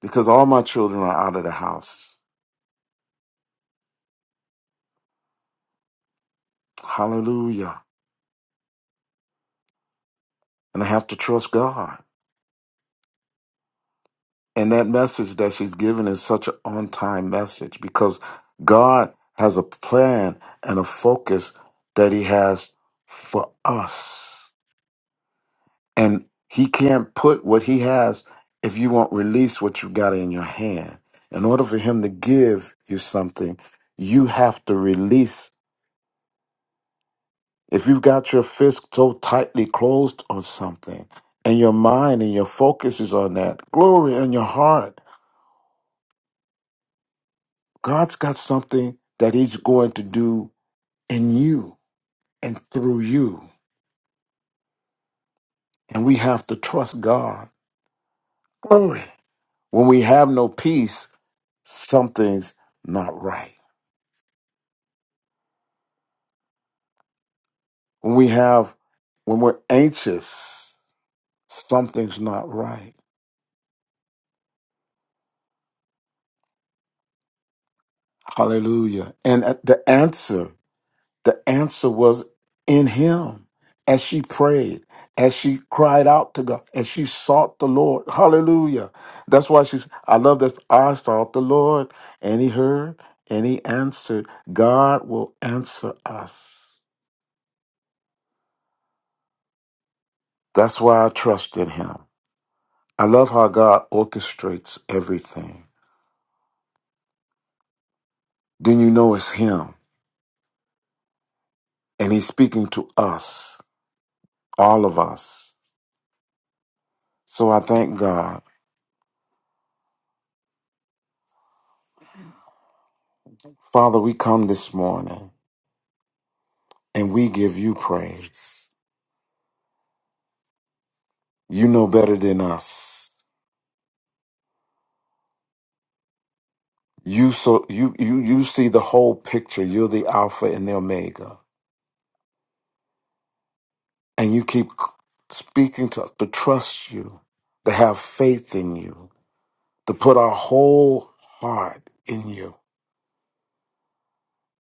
Speaker 4: because all my children are out of the house. Hallelujah. And I have to trust God. And that message that she's given is such an on time message because God has a plan and a focus that He has for us. And He can't put what He has if you won't release what you got in your hand. In order for Him to give you something, you have to release If you've got your fist so tightly closed on something and your mind and your focus is on that, glory in your heart, God's got something that He's going to do in you and through you. And we have to trust God. Glory. When we have no peace, something's not right. When we have, when we're anxious, something's not right. Hallelujah. And uh, the answer The answer was in him. As she prayed, as she cried out to God, as she sought the Lord. Hallelujah. That's why she's, I love this. I sought the Lord and he heard and he answered. God will answer us. That's why I trust in him. I love how God orchestrates everything. Then you know it's him and he's speaking to us, all of us. So I thank God. Father, we come this morning. and we give you praise. You know better than us. You so you you you see the whole picture. You're the Alpha and the Omega, and you keep speaking to us to trust you, to have faith in you, to put our whole heart in you.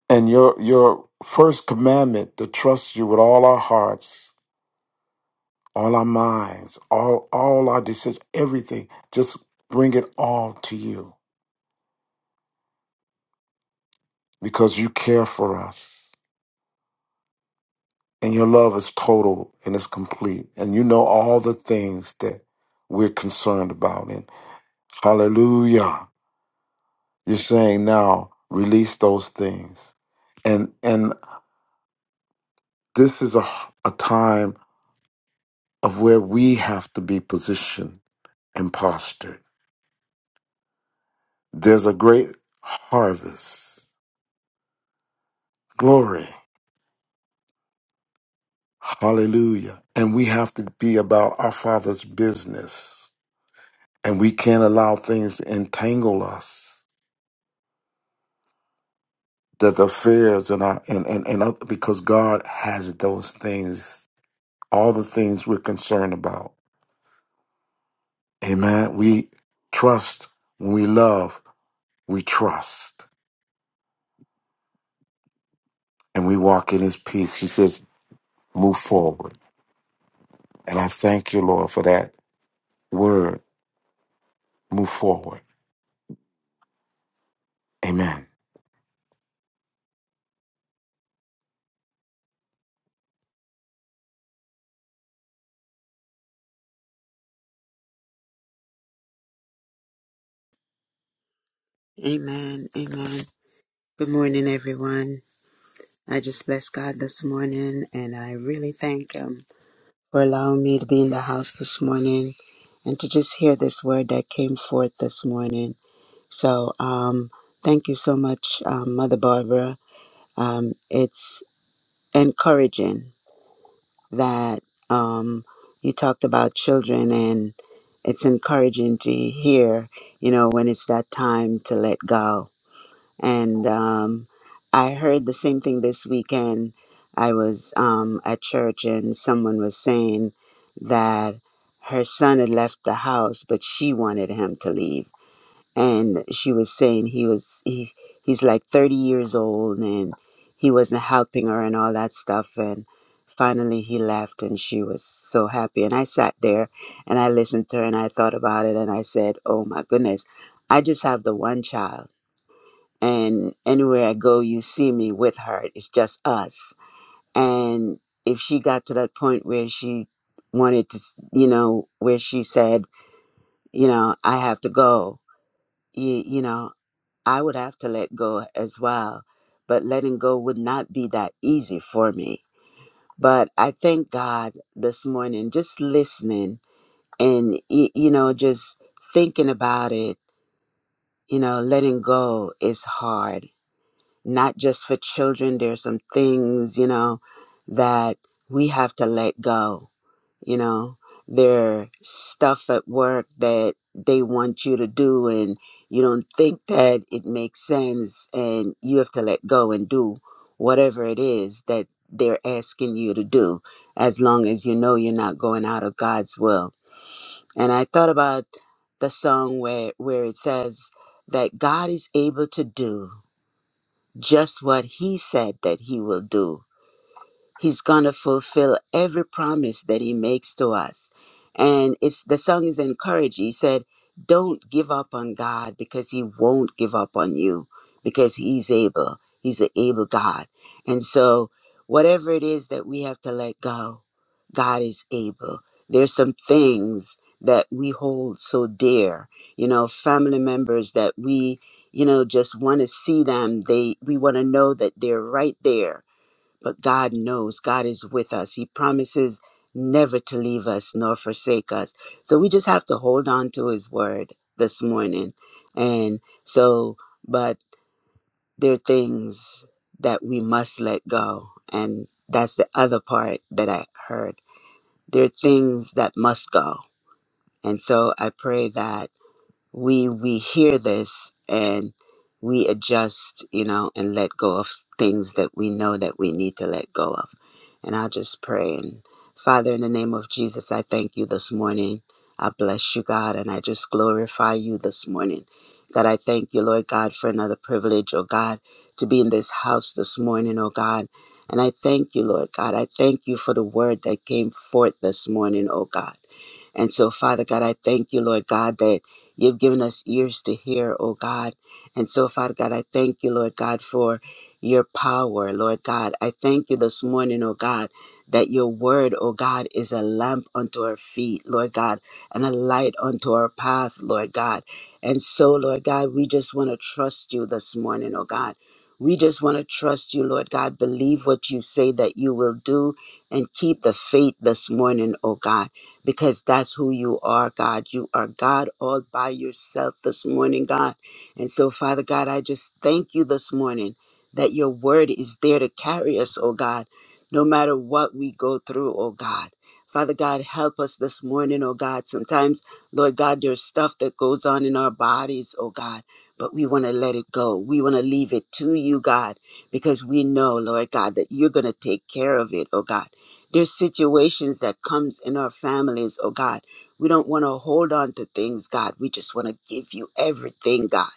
Speaker 4: And your your first commandment to trust you with all our hearts, all our minds, all all our decisions, everything. Just bring it all to you because you care for us and your love is total and it's complete and you know all the things that we're concerned about and hallelujah you're saying now release those things and and this is a, a time of where we have to be positioned and postured there's a great harvest glory hallelujah and we have to be about our father's business and we can't allow things to entangle us that the fears and our and and, and other, because God has those things, all the things we're concerned about. Amen. We trust when we love, we trust, and we walk in His peace. He says, "Move forward," and I thank you, Lord, for that word. Move forward. Amen.
Speaker 3: Amen. Amen. Good morning, everyone. I just bless God this morning and I really thank Him for allowing me to be in the house this morning and to just hear this word that came forth this morning. So, um, thank you so much, um, Mother Barbara. Um, it's encouraging that um, you talked about children, and it's encouraging to hear, you know, when it's that time to let go. And um, I heard the same thing this weekend. I was um, at church, and someone was saying that her son had left the house, but she wanted him to leave and she was saying he was he, he's like 30 years old and he wasn't helping her and all that stuff and finally he left and she was so happy and i sat there and i listened to her and i thought about it and i said oh my goodness i just have the one child and anywhere i go you see me with her it's just us and if she got to that point where she wanted to you know where she said you know i have to go you, you know I would have to let go as well. But letting go would not be that easy for me. But I thank God this morning, just listening and, y- you know, just thinking about it. You know, letting go is hard, not just for children. There's some things, you know, that we have to let go you know their stuff at work that they want you to do and you don't think that it makes sense and you have to let go and do whatever it is that they're asking you to do as long as you know you're not going out of God's will and i thought about the song where where it says that God is able to do just what he said that he will do He's going to fulfill every promise that he makes to us. And it's the song is encouraging. He said, Don't give up on God because he won't give up on you because he's able. He's an able God. And so, whatever it is that we have to let go, God is able. There's some things that we hold so dear, you know, family members that we, you know, just want to see them. They we want to know that they're right there but God knows God is with us. He promises never to leave us nor forsake us. So we just have to hold on to His word this morning. And so, but there are things that we must let go. And that's the other part that I heard. There are things that must go. And so I pray that we we hear this and we adjust you know and let go of s- things that we know that we need to let go of and i just pray and father in the name of jesus i thank you this morning i bless you god and i just glorify you this morning god i thank you lord god for another privilege oh god to be in this house this morning oh god and i thank you lord god i thank you for the word that came forth this morning oh god and so, Father God, I thank you, Lord God, that You've given us ears to hear, oh God. And so, Father God, I thank you, Lord God, for your power, Lord God. I thank you this morning, oh God, that your word, oh God, is a lamp unto our feet, Lord God, and a light unto our path, Lord God. And so, Lord God, we just want to trust you this morning, oh God. We just want to trust you, Lord God. Believe what you say that you will do and keep the faith this morning, oh God because that's who you are, God. You are God all by yourself this morning, God. And so, Father God, I just thank you this morning that your word is there to carry us, oh God, no matter what we go through, oh God. Father God, help us this morning, oh God. Sometimes, Lord God, there's stuff that goes on in our bodies, oh God, but we want to let it go. We want to leave it to you, God, because we know, Lord God, that you're going to take care of it, oh God. There's situations that comes in our families, oh God. We don't want to hold on to things, God. We just want to give you everything, God,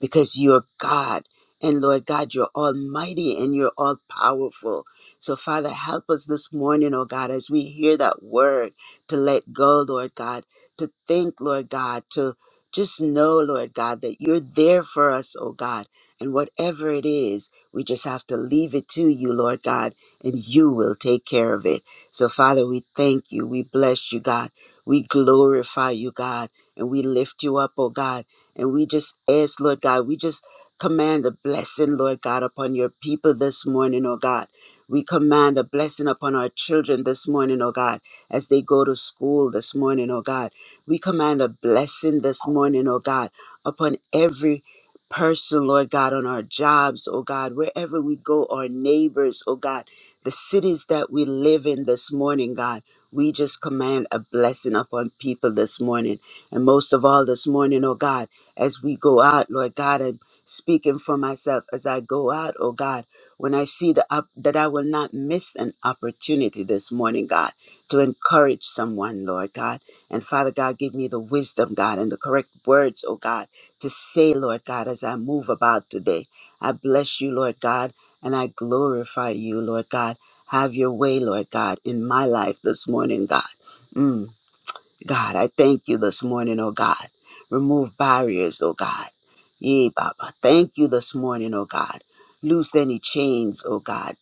Speaker 3: because you're God. And Lord God, you're almighty and you're all powerful. So, Father, help us this morning, oh God, as we hear that word to let go, Lord God, to think, Lord God, to just know, Lord God, that you're there for us, oh God. And whatever it is, we just have to leave it to you, Lord God, and you will take care of it. So, Father, we thank you. We bless you, God. We glorify you, God. And we lift you up, oh God. And we just ask, Lord God, we just command a blessing, Lord God, upon your people this morning, oh God. We command a blessing upon our children this morning, oh God, as they go to school this morning, oh God. We command a blessing this morning, oh God, upon every person, Lord God, on our jobs, oh God, wherever we go, our neighbors, oh God the cities that we live in this morning, God. We just command a blessing upon people this morning. And most of all, this morning, oh God, as we go out, Lord God, I'm speaking for myself as I go out, oh God, when I see the up, that I will not miss an opportunity this morning, God, to encourage someone, Lord God. And Father God, give me the wisdom, God, and the correct words, oh God, to say, Lord God, as I move about today. I bless you, Lord God and I glorify you, Lord God. Have your way, Lord God, in my life this morning, God. Mm, God, I thank you this morning, oh God. Remove barriers, oh God. Yea, Baba. Thank you this morning, oh God. Loose any chains, oh God.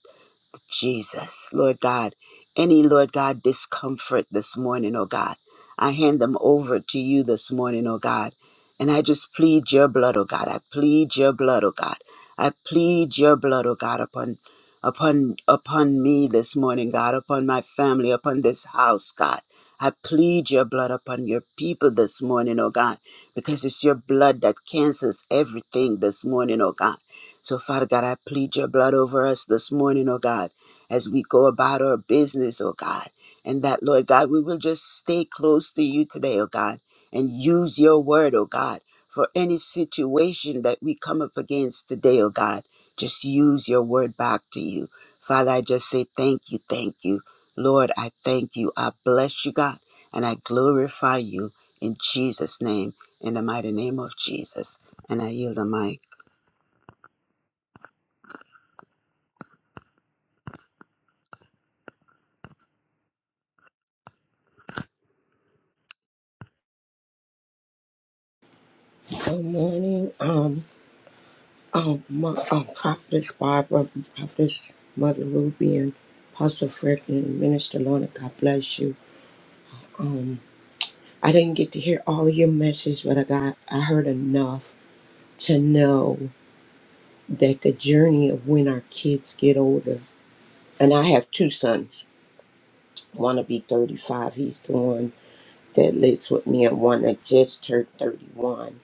Speaker 3: Jesus, Lord God. Any, Lord God, discomfort this morning, oh God. I hand them over to you this morning, oh God. And I just plead your blood, oh God. I plead your blood, oh God. I plead your blood, oh God, upon upon upon me this morning, God, upon my family, upon this house, God. I plead your blood upon your people this morning, oh God, because it's your blood that cancels everything this morning, oh God. So, Father God, I plead your blood over us this morning, oh God as we go about our business, oh God. And that, Lord God, we will just stay close to you today, oh God, and use your word, oh God, for any situation that we come up against today, oh God. Just use your word back to you. Father, I just say thank you, thank you. Lord, I thank you. I bless you, God, and I glorify you in Jesus' name, in the mighty name of Jesus. And I yield the mic.
Speaker 5: Good morning, um, um, my, um, Prophetess Barbara, Prophetess Mother Ruby, and Pastor Frederick and Minister Lorna. God bless you. Um, I didn't get to hear all of your message, but I got, I heard enough to know that the journey of when our kids get older, and I have two sons. One will be 35. He's the one that lives with me, and one that just turned 31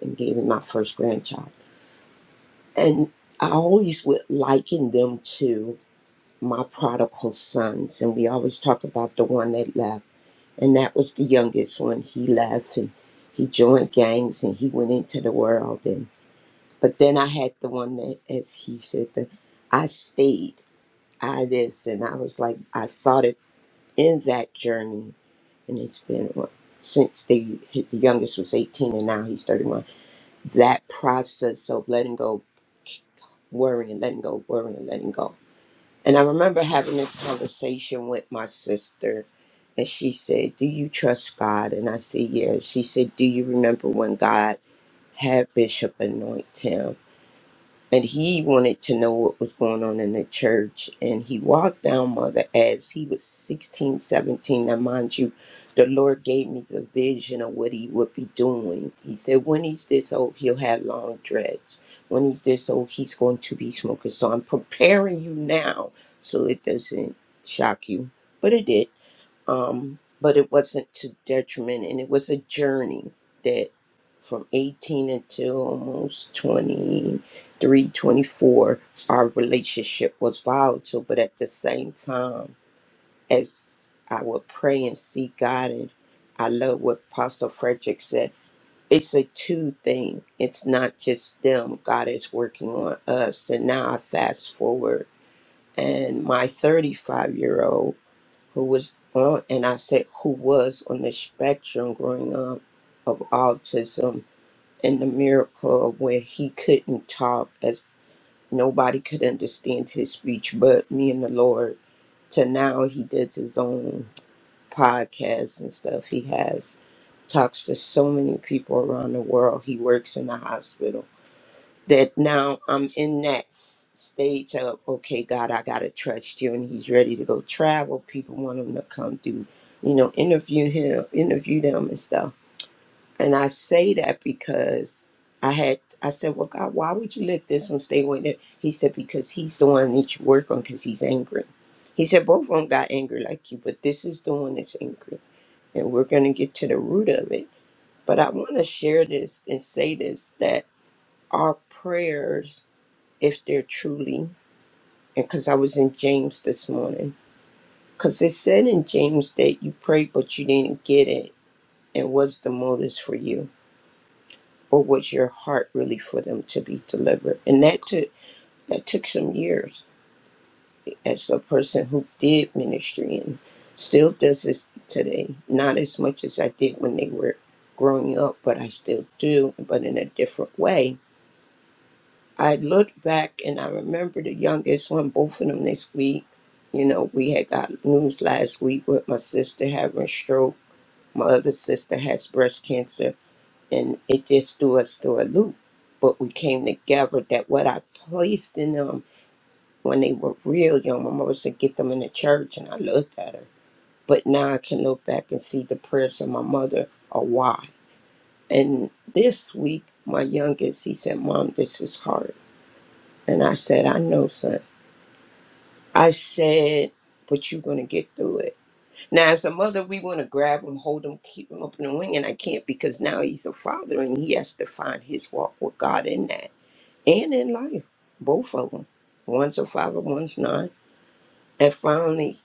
Speaker 5: and gave me my first grandchild. And I always would liken them to my prodigal sons, and we always talk about the one that left, and that was the youngest one. He left and he joined gangs and he went into the world. And but then I had the one that, as he said, the I stayed, I this, and I was like, I thought it in that journey, and it's been what since the the youngest was 18 and now he's 31 that process of letting go worrying letting go worrying letting go and I remember having this conversation with my sister, and she said, Do you trust God? And I said, Yeah. She said, Do you remember when God had Bishop anoint him? and he wanted to know what was going on in the church and he walked down mother as he was 16, 17. now mind you the lord gave me the vision of what he would be doing he said when he's this old he'll have long dreads when he's this old he's going to be smoking so i'm preparing you now so it doesn't shock you but it did um, but it wasn't to detriment, and it was a journey that from 18 until almost twenty three, twenty four, our relationship was volatile. But at the same time, as I would pray and seek God, and I love what Pastor Frederick said. It's a two thing. It's not just them. God is working on us. And now I fast forward, and my 35 year old who was on, and I said who was on the spectrum growing up of autism and the miracle where he couldn't talk as nobody could understand his speech but me and the Lord. To now he does his own podcast and stuff. He has talks to so many people around the world. He works in the hospital that now I'm in that s- stage of okay, God, I gotta trust you, and He's ready to go travel. People want him to come do, you know, interview him, interview them, and stuff. And I say that because I had I said, well, God, why would you let this one stay with him? He said because he's the one that you work on because he's angry. He said both of them got angry like you, but this is the one that's angry, and we're gonna get to the root of it. But I want to share this and say this that our prayers if they're truly, and because I was in James this morning, because it said in James that you prayed but you didn't get it, and was the motives for you, or was your heart really for them to be delivered? And that took that took some years as a person who did ministry and still does this today. Not as much as I did when they were growing up, but I still do, but in a different way I looked back and I remember the youngest one, both of them this week. You know, we had got news last week with my sister having a stroke. My other sister has breast cancer, and it just threw us through a loop. But we came together that what I placed in them when they were real young, my mother said, get them in the church, and I looked at her. But now I can look back and see the prayers of my mother are why. And this week, my youngest, he said, Mom, this is hard. And I said, I know, son. I said, but you're going to get through it. Now, as a mother, we want to grab him, hold him, keep him up in the wing, and I can't because now he's a father and he has to find his walk with God in that and in life, both of them. One's a father, one's not. And finally,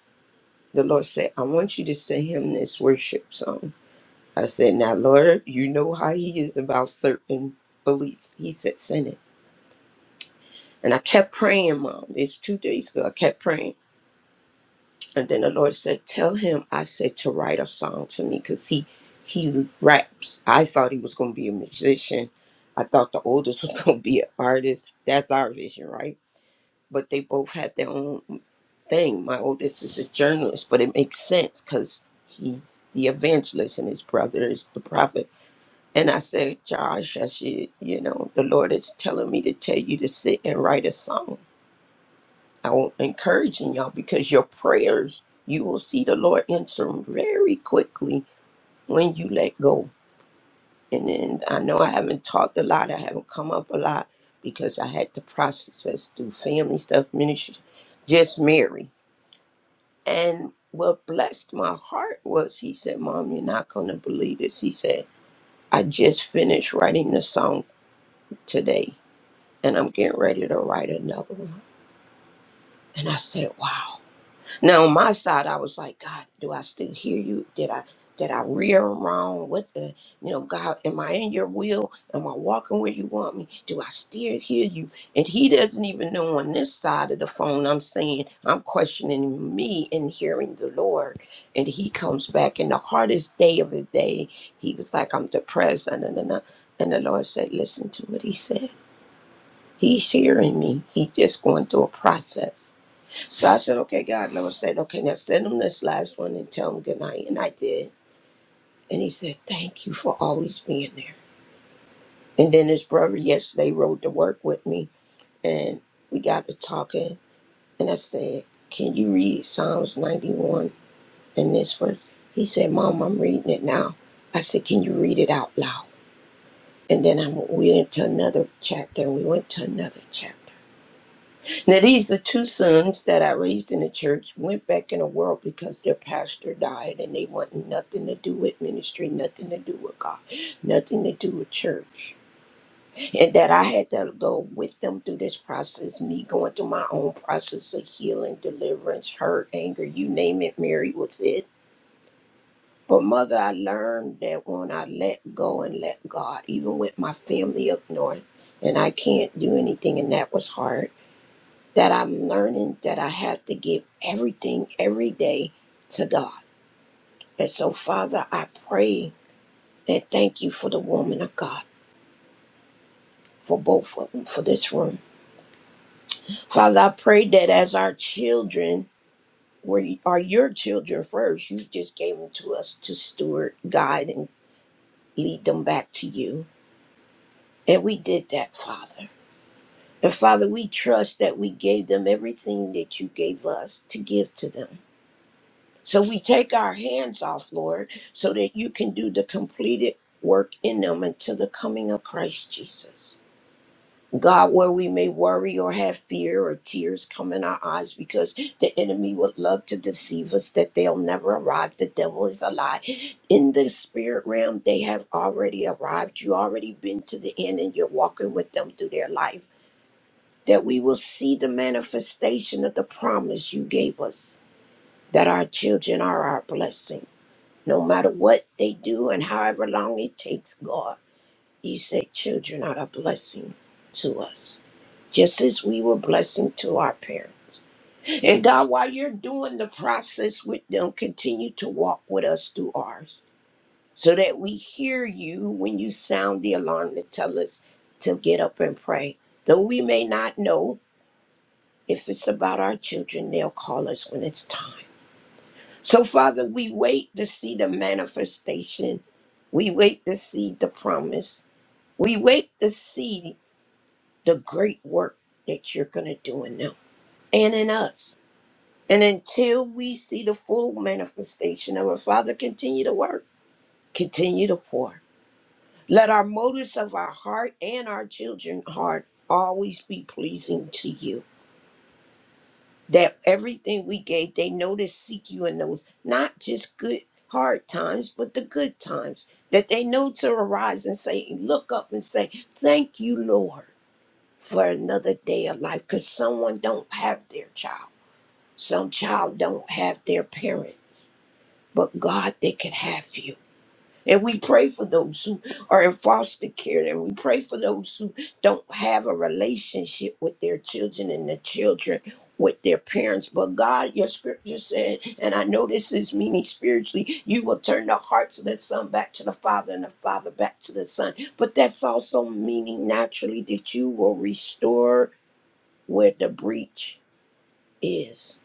Speaker 5: the Lord said, I want you to sing him this worship song. I said, Now, Lord, you know how he is about certain belief. He said, Send it. And I kept praying, Mom. It's two days ago. I kept praying. And then the Lord said, Tell him I said to write a song to me because he he raps. I thought he was gonna be a musician. I thought the oldest was gonna be an artist. That's our vision, right? But they both have their own thing. My oldest is a journalist, but it makes sense because he's the evangelist and his brother is the prophet. And I said, Josh, I should, you know, the Lord is telling me to tell you to sit and write a song I'm encouraging y'all because your prayers, you will see the Lord answer them very quickly when you let go. And then I know I haven't talked a lot, I haven't come up a lot because I had to process this through family stuff, ministry, just Mary. And what blessed my heart was he said, Mom, you're not going to believe this. He said, I just finished writing the song today and I'm getting ready to write another one. And I said, Wow. Now on my side, I was like, God, do I still hear you? Did I did I rear wrong? What the you know, God, am I in your will? Am I walking where you want me? Do I still hear you? And he doesn't even know on this side of the phone I'm saying I'm questioning me and hearing the Lord. And he comes back in the hardest day of his day. He was like, I'm depressed. And, and, and, and the Lord said, Listen to what he said. He's hearing me. He's just going through a process. So I said, okay, God. And I was saying, okay, now send him this last one and tell him good night. And I did. And he said, thank you for always being there. And then his brother yesterday rode to work with me and we got to talking. And I said, can you read Psalms 91 in this verse? He said, Mom, I'm reading it now. I said, can you read it out loud? And then I, went, we went to another chapter and we went to another chapter. Now, these are two sons that I raised in the church, went back in the world because their pastor died and they wanted nothing to do with ministry, nothing to do with God, nothing to do with church. And that I had to go with them through this process, me going through my own process of healing, deliverance, hurt, anger, you name it, Mary was it. But mother, I learned that when I let go and let God, even with my family up north, and I can't do anything, and that was hard that I'm learning that I have to give everything every day to God. And so, Father, I pray and thank you for the woman of God, for both of them, for this room. Father, I pray that as our children, were, are your children first. You just gave them to us to steward, guide, and lead them back to you. And we did that, Father. And Father, we trust that we gave them everything that you gave us to give to them. So we take our hands off, Lord, so that you can do the completed work in them until the coming of Christ Jesus. God, where we may worry or have fear or tears come in our eyes because the enemy would love to deceive us that they'll never arrive. The devil is a lie. In the spirit realm, they have already arrived. You already been to the end and you're walking with them through their life. That we will see the manifestation of the promise you gave us, that our children are our blessing no matter what they do and however long it takes, God, you say children are a blessing to us, just as we were blessing to our parents. And God, while you're doing the process with them, continue to walk with us through ours so that we hear you when you sound the alarm to tell us to get up and pray. Though we may not know if it's about our children, they'll call us when it's time. So, Father, we wait to see the manifestation. We wait to see the promise. We wait to see the great work that you're going to do in them and in us. And until we see the full manifestation of our Father, continue to work, continue to pour. Let our motives of our heart and our children's heart always be pleasing to you. that everything we gave, they know to seek you in those not just good hard times, but the good times. That they know to arise and say, look up and say, Thank you, Lord, for another day of life. Because someone don't have their child. Some child don't have their parents. But God, they can have you. And we pray for those who are in foster care, and we pray for those who don't have a relationship with their children and the children with their parents. But God, your scripture said, and I know this is meaning spiritually, you will turn the hearts of the son back to the father and the father back to the son. But that's also meaning naturally that you will restore where the breach is,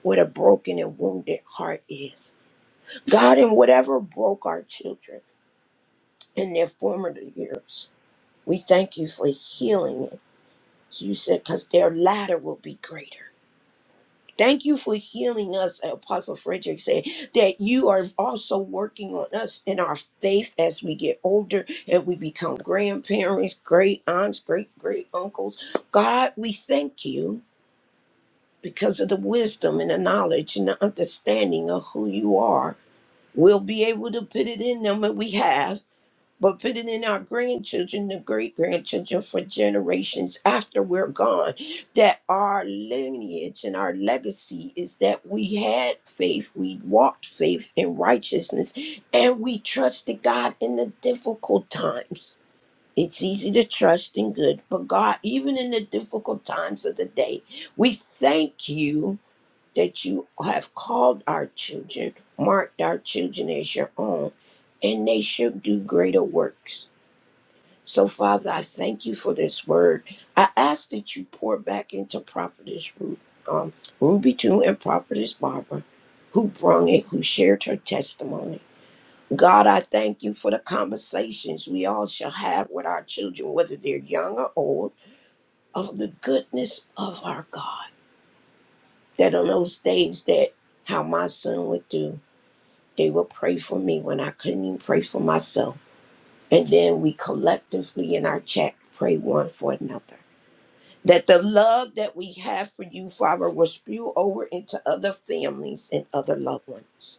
Speaker 5: where the broken and wounded heart is. God, in whatever broke our children. in their formative years. We thank you for healing it. You said, because their latter will be greater. Thank you for healing us, Apostle Frederick said, that you are also working on us in our faith as we get older and we become grandparents, great aunts, great great uncles. God, we thank you because of the wisdom and the knowledge and the understanding of who you are. We'll be able to put it in them, and we have. but put it in our grandchildren, the great grandchildren for generations after we're gone. That our lineage and our legacy is that we had faith, we walked faith in righteousness, and we trusted God in the difficult times. It's easy to trust in good, but God, even in the difficult times of the day, we thank you that you have called our children, marked our children as your own, and they shall do greater works. So, Father, I thank you for this word. I ask that you pour back into Prophetess Ru- um, Ruby too and Prophetess Barbara, who brung it, who shared her testimony. God, I thank you for the conversations we all shall have with our children, whether they're young or old, of the goodness of our God. That on those days that how my son would do, they would pray for me when I couldn't even pray for myself. And then we collectively in our chat pray one for another. that the love that we have for you, Father, will spew over into other families and other loved ones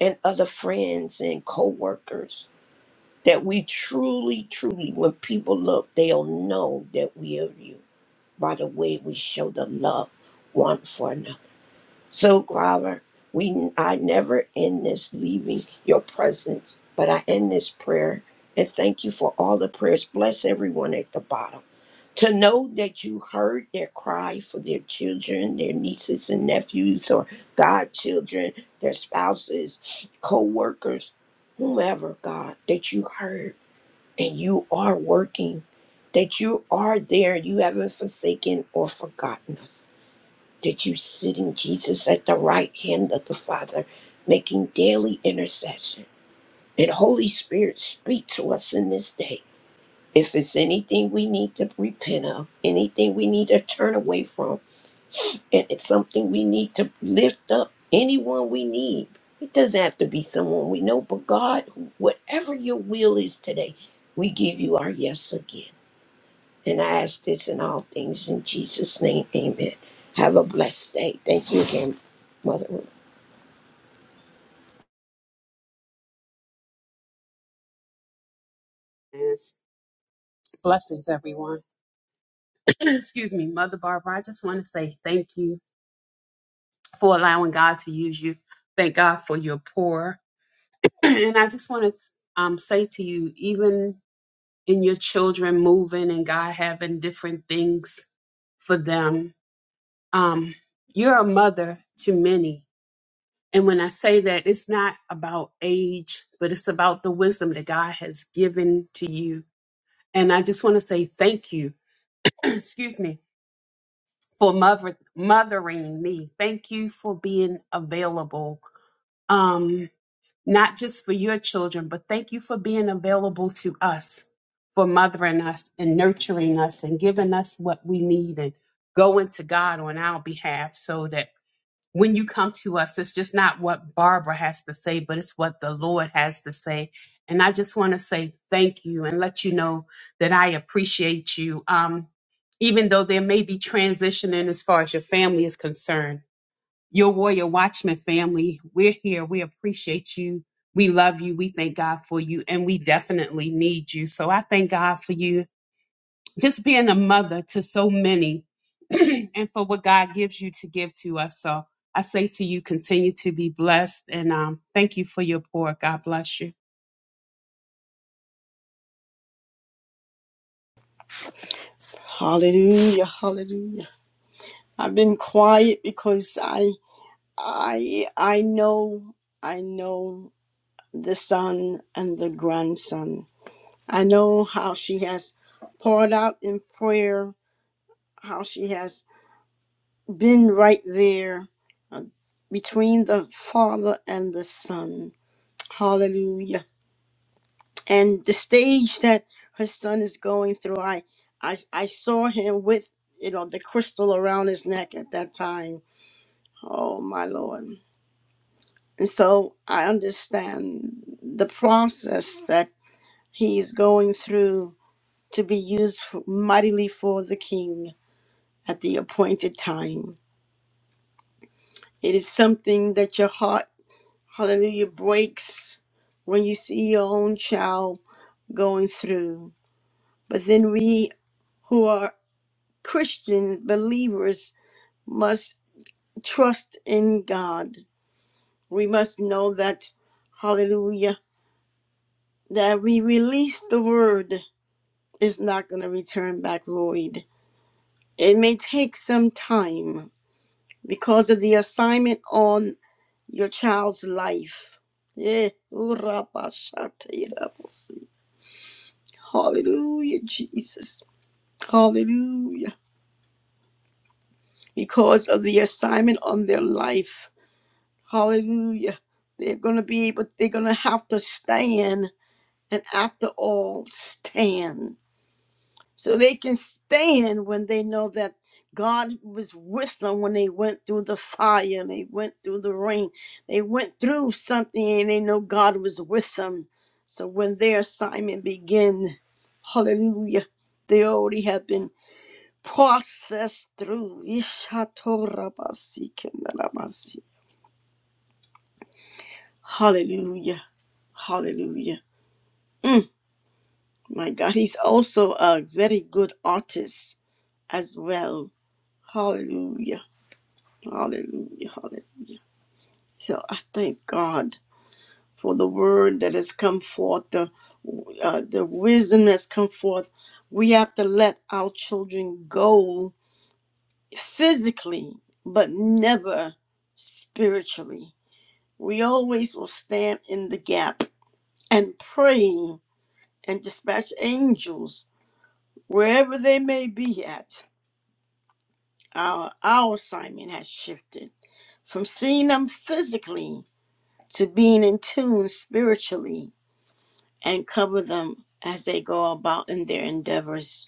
Speaker 5: and other friends and co workers. That we truly, truly, when people look, they'll know that we are you by the way we show the love one for another. So, Father, we I never end this leaving your presence, but I end this prayer and thank you for all the prayers. Bless everyone at the bottom. To know that you heard their cry for their children, their nieces and nephews, or godchildren, their spouses, co workers, whomever, God, that you heard and you are working, that you are there, you haven't forsaken or forgotten us. Did you sit in Jesus at the right hand of the Father, making daily intercession. And Holy Spirit, speak to us in this day. If it's anything we need to repent of, anything we need to turn away from, and it's something we need to lift up, anyone we need. It doesn't have to be someone we know, but God, whatever your will is today, we give you our yes again. And I ask this in all things in Jesus' name. Amen. Have a blessed day. Thank you again, Mother. Ruth.
Speaker 6: Blessings, everyone. Excuse me, Mother Barbara. I just want to say thank you for allowing God to use you. Thank God for your pour. And I just want to um, say to you, even in your children moving and God having different things for them, um, you're a mother to many. And when I say that, it's not about age, but it's about the wisdom that God has given to you. And I just want to say thank you. Excuse me for mother, mothering me. Thank you for being available, um, not just for your children, but thank you for being available to us, for mothering us and nurturing us and giving us what we need and going to God on our behalf so that when you come to us, it's just not what Barbara has to say, but it's what the Lord has to say. And I just want to say thank you and let you know that I appreciate you. Um, even though there may be transitioning as far as your family is concerned, your Warrior Watchman family, we're here. We appreciate you. We love you. We thank God for you. And we definitely need you. So I thank God for you just being a mother to so many and for what God gives you to give to us. So I say to you, continue to be blessed and um, thank you for your pour. God bless you.
Speaker 1: Hallelujah, hallelujah. I've been quiet because I I I know I know the son and the grandson. I know how she has poured out in prayer, how she has been right there uh, between the father and the son. Hallelujah. And the stage that her son is going through, I, I, I saw him with, you know, the crystal around his neck at that time. Oh, my Lord. And so I understand the process that he's going through to be used for, mightily for the king at the appointed time. It is something that your heart hallelujah breaks when you see your own child going through but then we who are christian believers must trust in god we must know that hallelujah that we release the word is not going to return back void it may take some time because of the assignment on your child's life yeah. Hallelujah, Jesus. Hallelujah. Because of the assignment on their life. Hallelujah. They're going to be able, they're going to have to stand and after all, stand. So they can stand when they know that God was with them when they went through the fire and they went through the rain. They went through something and they know God was with them. So when their assignment begins, hallelujah, they already have been process through. Hallelujah. Hallelujah. My God, he's also a very good artist as well. Hallelujah. Hallelujah. Hallelujah. So I thank God for the word that has come forth, the, uh, the wisdom that's come forth. We have to let our children go physically, but never spiritually We always will stand in the gap and pray and dispatch angels wherever they may be at. Our, our assignment has shifted from seeing them physically to being in tune spiritually and cover them as they go about in their endeavors.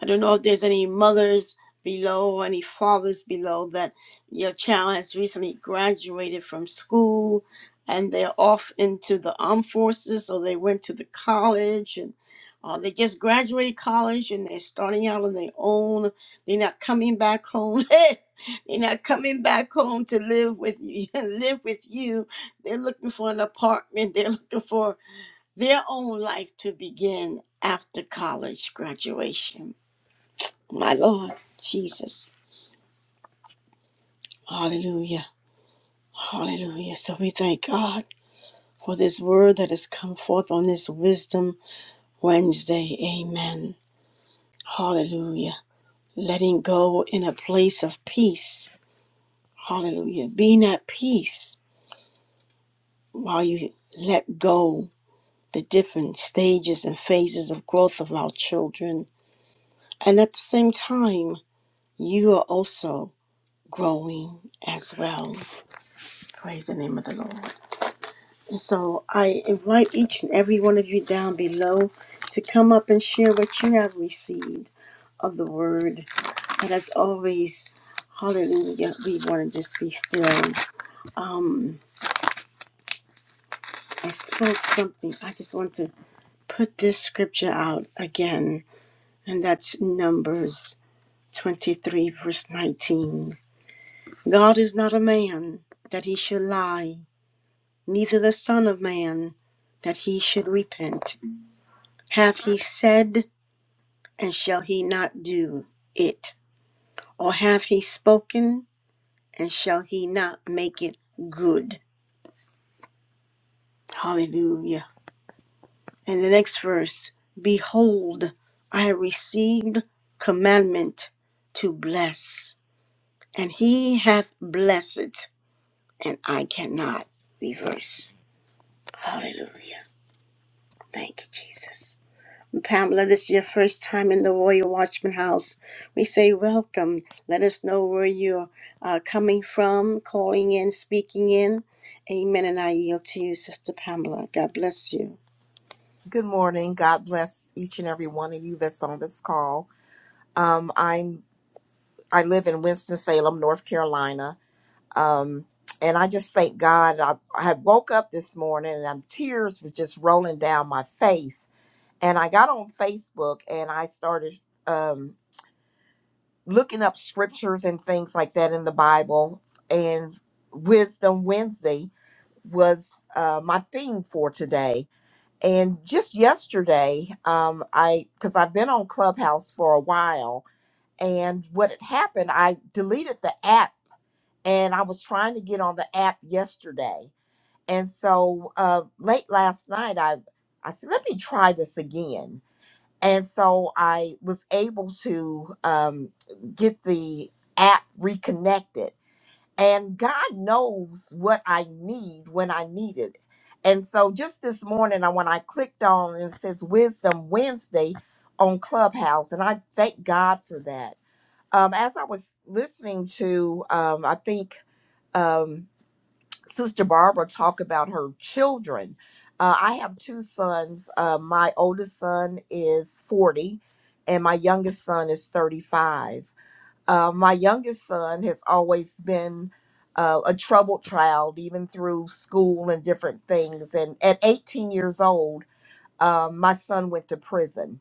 Speaker 1: I don't know if there's any mothers below or any fathers below that your child has recently graduated from school and they're off into the armed forces or they went to the college and uh, they just graduated college and they're starting out on their own. They're not coming back home. they're not coming back home to live with you. live with you. They're looking for an apartment. They're looking for their own life to begin after college graduation. My Lord Jesus. Hallelujah. Hallelujah. So we thank God for this word that has come forth on this Wisdom Wednesday. Amen. Hallelujah. Letting go in a place of peace. Hallelujah. Being at peace while you let go the different stages and phases of growth of our children. And at the same time, you are also growing as well. Praise the name of the Lord. So I invite each and every one of you down below to come up and share what you have received of the word. And as always, hallelujah, we want to just be still. I spoke something. I just want to put this scripture out again, and that's Numbers 23, verse 19. God is not a man that he should lie, neither the Son of Man that he should repent. Have he said, and shall he not do it? Or have he spoken, and shall he not make it good? Hallelujah. And the next verse Behold, I have received commandment to bless, and he hath blessed, and I cannot reverse. Hallelujah. Thank you, Jesus. Pamela, this is your first time in the Royal Watchman House. We say welcome. Let us know where you're uh, coming from, calling in, speaking in. Amen. And I yield to you, Sister Pamela. God bless you.
Speaker 7: Good morning. God bless each and every one of you that's on this call. Um, I'm I live in Winston Salem, North Carolina, um, and I just thank God. I, I woke up this morning and I'm, tears were just rolling down my face. And I got on Facebook and I started um, looking up scriptures and things like that in the Bible. And Wisdom Wednesday was uh, my theme for today and just yesterday um i because i've been on clubhouse for a while and what had happened i deleted the app and i was trying to get on the app yesterday and so uh late last night i i said let me try this again and so i was able to um get the app reconnected and God knows what I need when I need it. And so just this morning, I when I clicked on and it says Wisdom Wednesday on Clubhouse, and I thank God for that. Um, as I was listening to, um, I think um, Sister Barbara talk about her children. Uh, I have two sons. Uh, my oldest son is 40, and my youngest son is 35 uh, my youngest son has always been uh, a troubled child, even through school and different things. And at 18 years old, um, my son went to prison.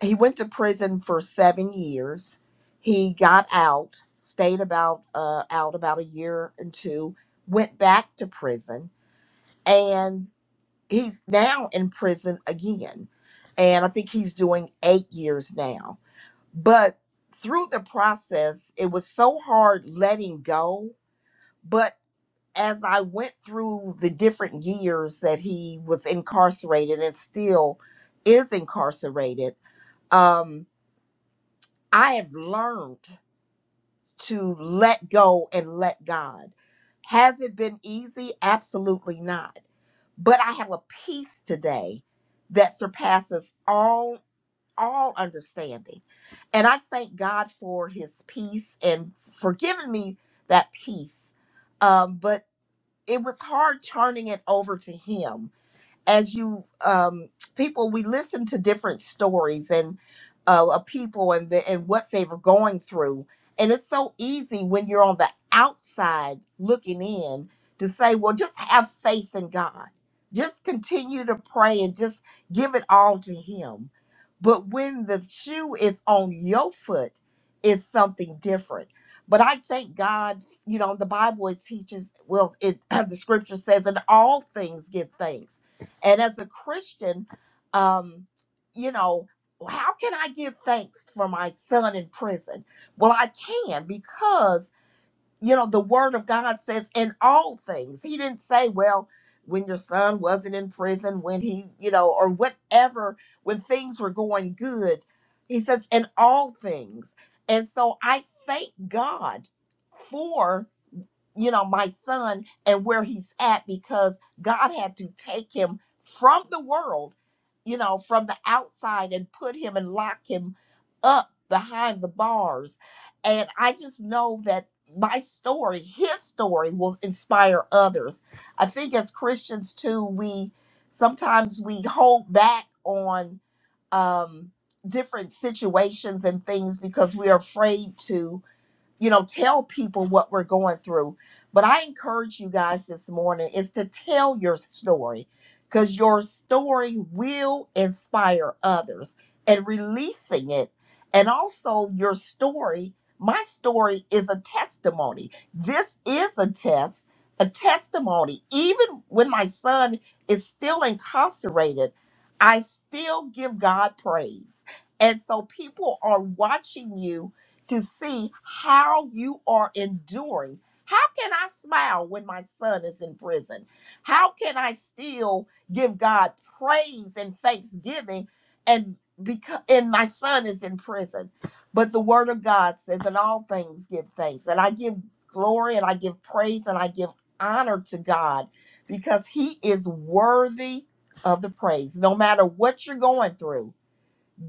Speaker 7: He went to prison for seven years. He got out, stayed about uh, out about a year and two, went back to prison, and he's now in prison again. And I think he's doing eight years now but through the process, it was so hard letting go. But as I went through the different years that he was incarcerated and still is incarcerated, um, I have learned to let go and let God. Has it been easy? Absolutely not. But I have a peace today that surpasses all all understanding. And I thank God for his peace and for giving me that peace. Um, but it was hard turning it over to him as you um, people we listen to different stories and uh, of people and the, and what they were going through and it's so easy when you're on the outside looking in to say well just have faith in god just continue to pray and just give it all to him but when the shoe is on your foot it's something different but i thank god you know the bible it teaches well it the scripture says in all things give thanks and as a Christian, um, you know, how can I give thanks for my son in prison? Well, I can because, you know, the word of God says in all things. He didn't say, well, when your son wasn't in prison, when he, you know, or whatever, when things were going good. He says, in all things. And so I thank God for you know, my son and where he's at because God had to take him from the world, you know, from the outside and put him and lock him up behind the bars. And I just know that my story, his story, will inspire others. I think as Christians too, we sometimes we hold back on um different situations and things because we're afraid to you know, tell people what we're going through. But I encourage you guys this morning is to tell your story because your story will inspire others and releasing it. And also, your story, my story is a testimony. This is a test, a testimony. Even when my son is still incarcerated, I still give God praise. And so, people are watching you to see how you are enduring. How can I smile when my son is in prison? How can I still give God praise and thanksgiving and because and my son is in prison? But the word of God says in all things give thanks. And I give glory and I give praise and I give honor to God because he is worthy of the praise no matter what you're going through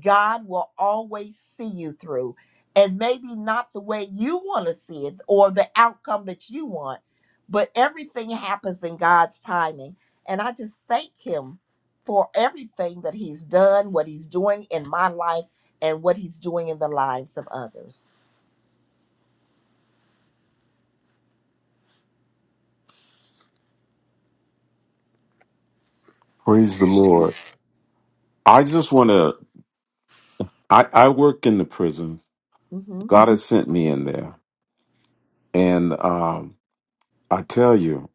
Speaker 7: God will always see you through. And maybe not the way you want to see it or the outcome that you want, but everything happens in God's timing. And I just thank Him for everything that He's done, what He's doing in my life, and what He's doing in the lives of others.
Speaker 4: Praise the Lord. I just want to. I, I work in the prison.
Speaker 7: Mm hmm
Speaker 4: God has sent me in there, and um, I tell you.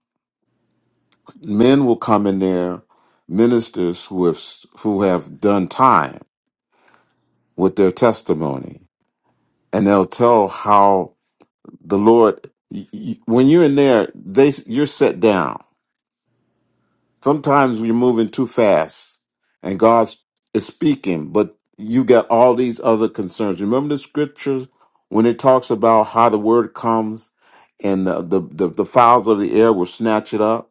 Speaker 4: men will come in there, ministers who have who have done time with their testimony, and they'll tell how the Lord. y- y- When you're in there, they you're set down. Sometimes you're moving too fast, and God is speaking, but you got all these other concerns. Remember the scriptures when it talks about how the word comes, and the the, the, the fowls of the air will snatch it up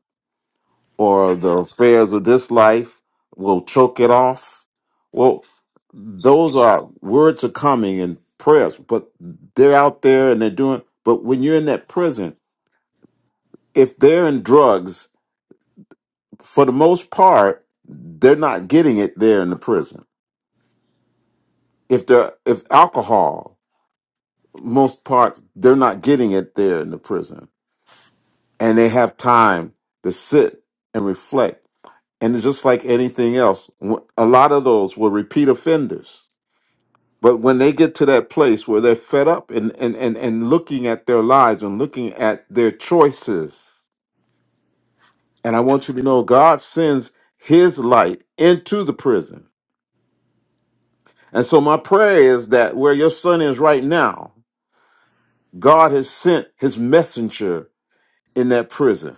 Speaker 4: or the affairs of this life will choke it off. Well, those are words are coming and prayers, but they're out there and they're doing. But when you're in that prison, if they're in drugs, for the most part, they're not getting it there in the prison. If they're if alcohol, most part, they're not getting it there in the prison, and they have time to sit and reflect. And it's just like anything else, a lot of those were repeat offenders But when they get to that place where they're fed up and, and, and, and looking at their lives and looking at their choices, and I want you to know God sends his light into the prison. And so my prayer is that where your son is right now, God has sent his messenger in that prison.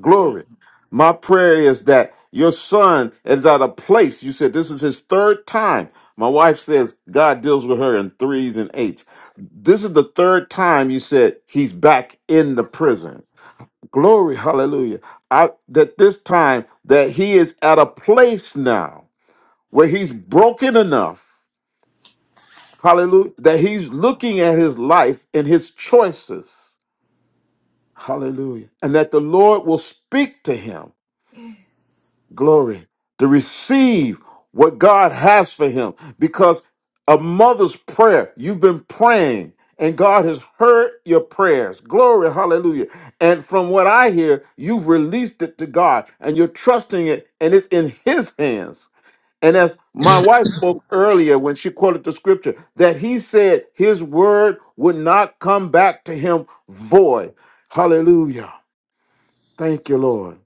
Speaker 4: Glory. My prayer is that your son is at a place. You said this is his third time. My wife says God deals with her in threes and eights. This is the third time you said he's back in the prison. Glory, hallelujah. I, that this time that he is at a place now where he's broken enough, hallelujah, that he's looking at his life and his choices, hallelujah, and that the Lord will speak to him glory, to receive what God has for him because a mother's prayer, you've been praying and God has heard your prayers. Glory, hallelujah. And from what I hear, you've released it to God and you're trusting it and it's in his hands. And as my wife spoke earlier when she quoted the scripture, that he said his word would not come back to him void. Hallelujah. Thank you, Lord.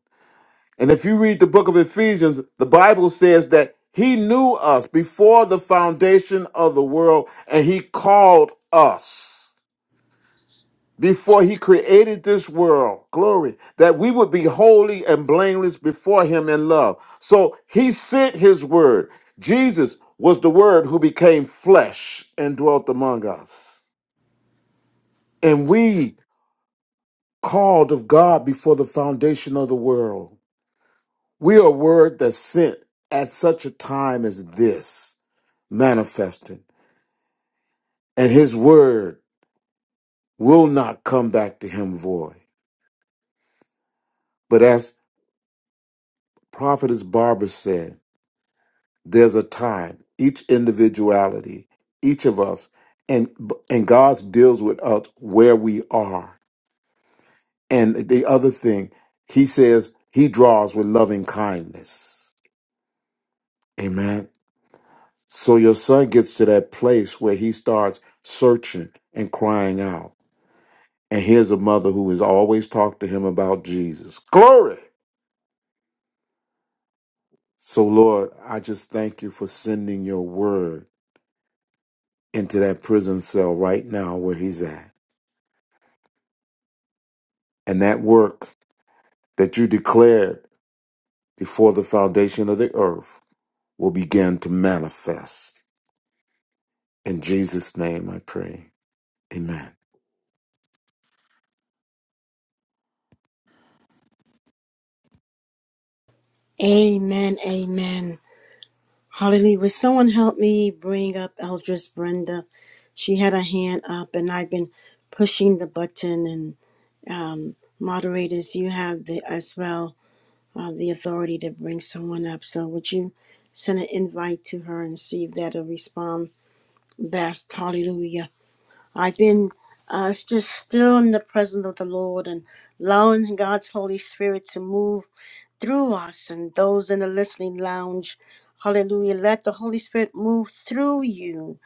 Speaker 4: And if you read the book of Ephesians, the Bible says that he knew us before the foundation of the world and he called us before he created this world. Glory. That we would be holy and blameless before him in love. So he sent his word. Jesus was the word who became flesh and dwelt among us. And we called of God before the foundation of the world. We are word that's sent at such a time as this, manifesting, and his word will not come back to him void. But as prophetess Barbara said, there's a time, each individuality, each of us, and and God deals with us where we are. And the other thing, he says he draws with loving kindness. Amen. So your son gets to that place where he starts searching and crying out. And here's a mother who has always talked to him about Jesus. Glory! So, Lord, I just thank you for sending your word into that prison cell right now where he's at. And that work that you declared before the foundation of the earth will begin to manifest. In Jesus' name I pray. Amen.
Speaker 1: Amen. Amen. Hallelujah. Would someone help me bring up Eldris Brenda? She had her hand up, and I've been pushing the button. And um, moderators, you have the as well. uh, the authority to bring someone up. So would you send an invite to her and see if that'll respond best? Hallelujah. I've been uh, just still in the presence of the Lord and allowing God's Holy Spirit to move through us and those in the listening lounge. Hallelujah. Let the Holy Spirit move through you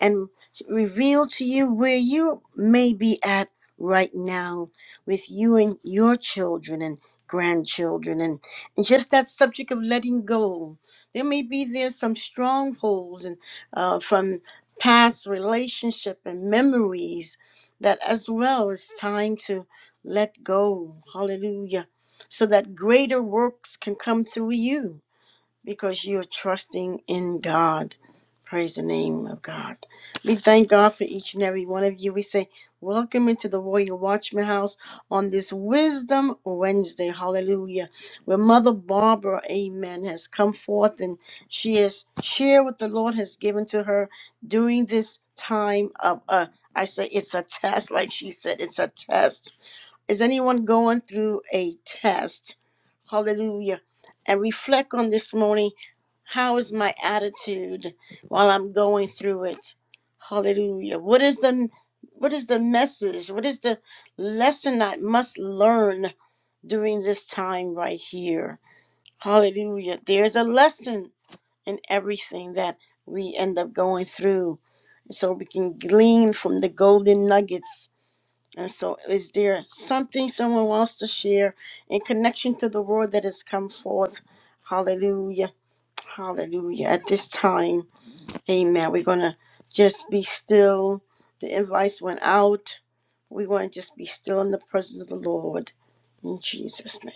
Speaker 1: and reveal to you where you may be at right now with you and your children and grandchildren and, and just that subject of letting go there may be there some strongholds and uh, from past relationship and memories that as well is time to let go hallelujah so that greater works can come through you because you're trusting in God. Praise the name of God. We thank God for each and every one of you. We say, Welcome into the Royal Watchman House on this Wisdom Wednesday. Hallelujah. Where Mother Barbara, amen, has come forth and she has shared what the Lord has given to her during this time of, uh, I say it's a test, like she said, it's a test is anyone going through a test? Hallelujah. And reflect on this morning how is my attitude while I'm going through it? Hallelujah. What is the what is the message? What is the lesson I must learn during this time right here? Hallelujah. There's a lesson in everything that we end up going through. So we can glean from the golden nuggets and so, is there something someone wants to share in connection to the word that has come forth? Hallelujah. Hallelujah. At this time, amen. We're going to just be still. The invites went out. We want to just be still in the presence of the Lord in Jesus' name.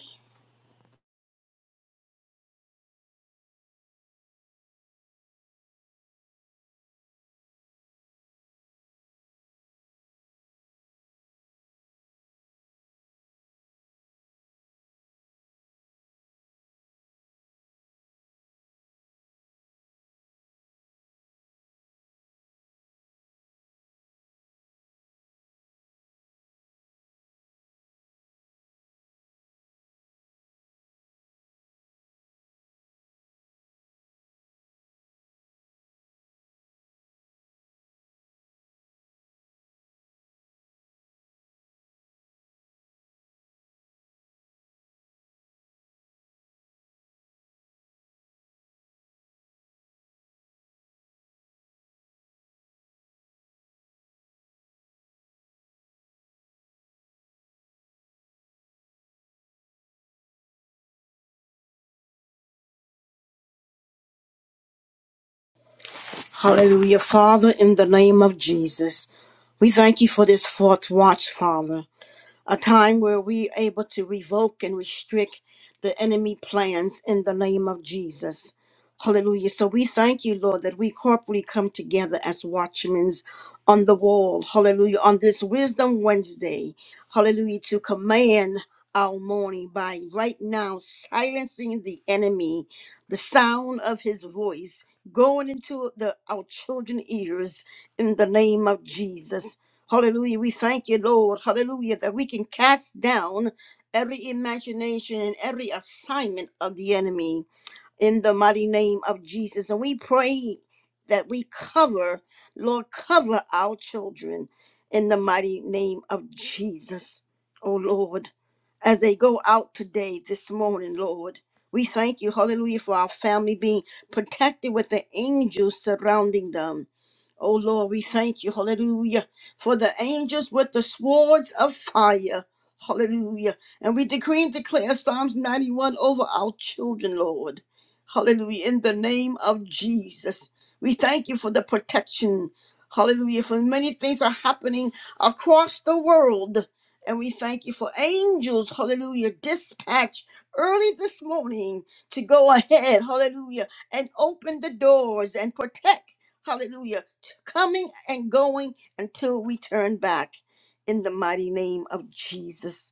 Speaker 1: Hallelujah. Father, in the name of Jesus, we thank you for this fourth watch, Father. a time where we are able to revoke and restrict the enemy plans in the name of Jesus. Hallelujah. So we thank you, Lord, that we corporately come together as watchmen on the wall. Hallelujah. On this Wisdom Wednesday. Hallelujah. To command our morning by right now silencing the enemy, the sound of his voice going into the our children's ears in the name of Jesus. Hallelujah. We thank you, Lord. Hallelujah. That we can cast down every imagination and every assignment of the enemy in the mighty name of Jesus. And we pray that we cover, Lord, cover our children in the mighty name of Jesus. Oh Lord, as they go out today, this morning, Lord, we thank you, hallelujah, for our family being protected with the angels surrounding them. Oh Lord, we thank you, hallelujah, for the angels with the swords of fire. Hallelujah. And we decree and declare Psalms 91 over our children, Lord. Hallelujah. In the name of Jesus, we thank you for the protection. Hallelujah. For many things are happening across the world. And we thank you for angels, hallelujah, dispatch early this morning to go ahead, hallelujah, and open the doors and protect, hallelujah, to coming and going until we turn back in the mighty name of Jesus.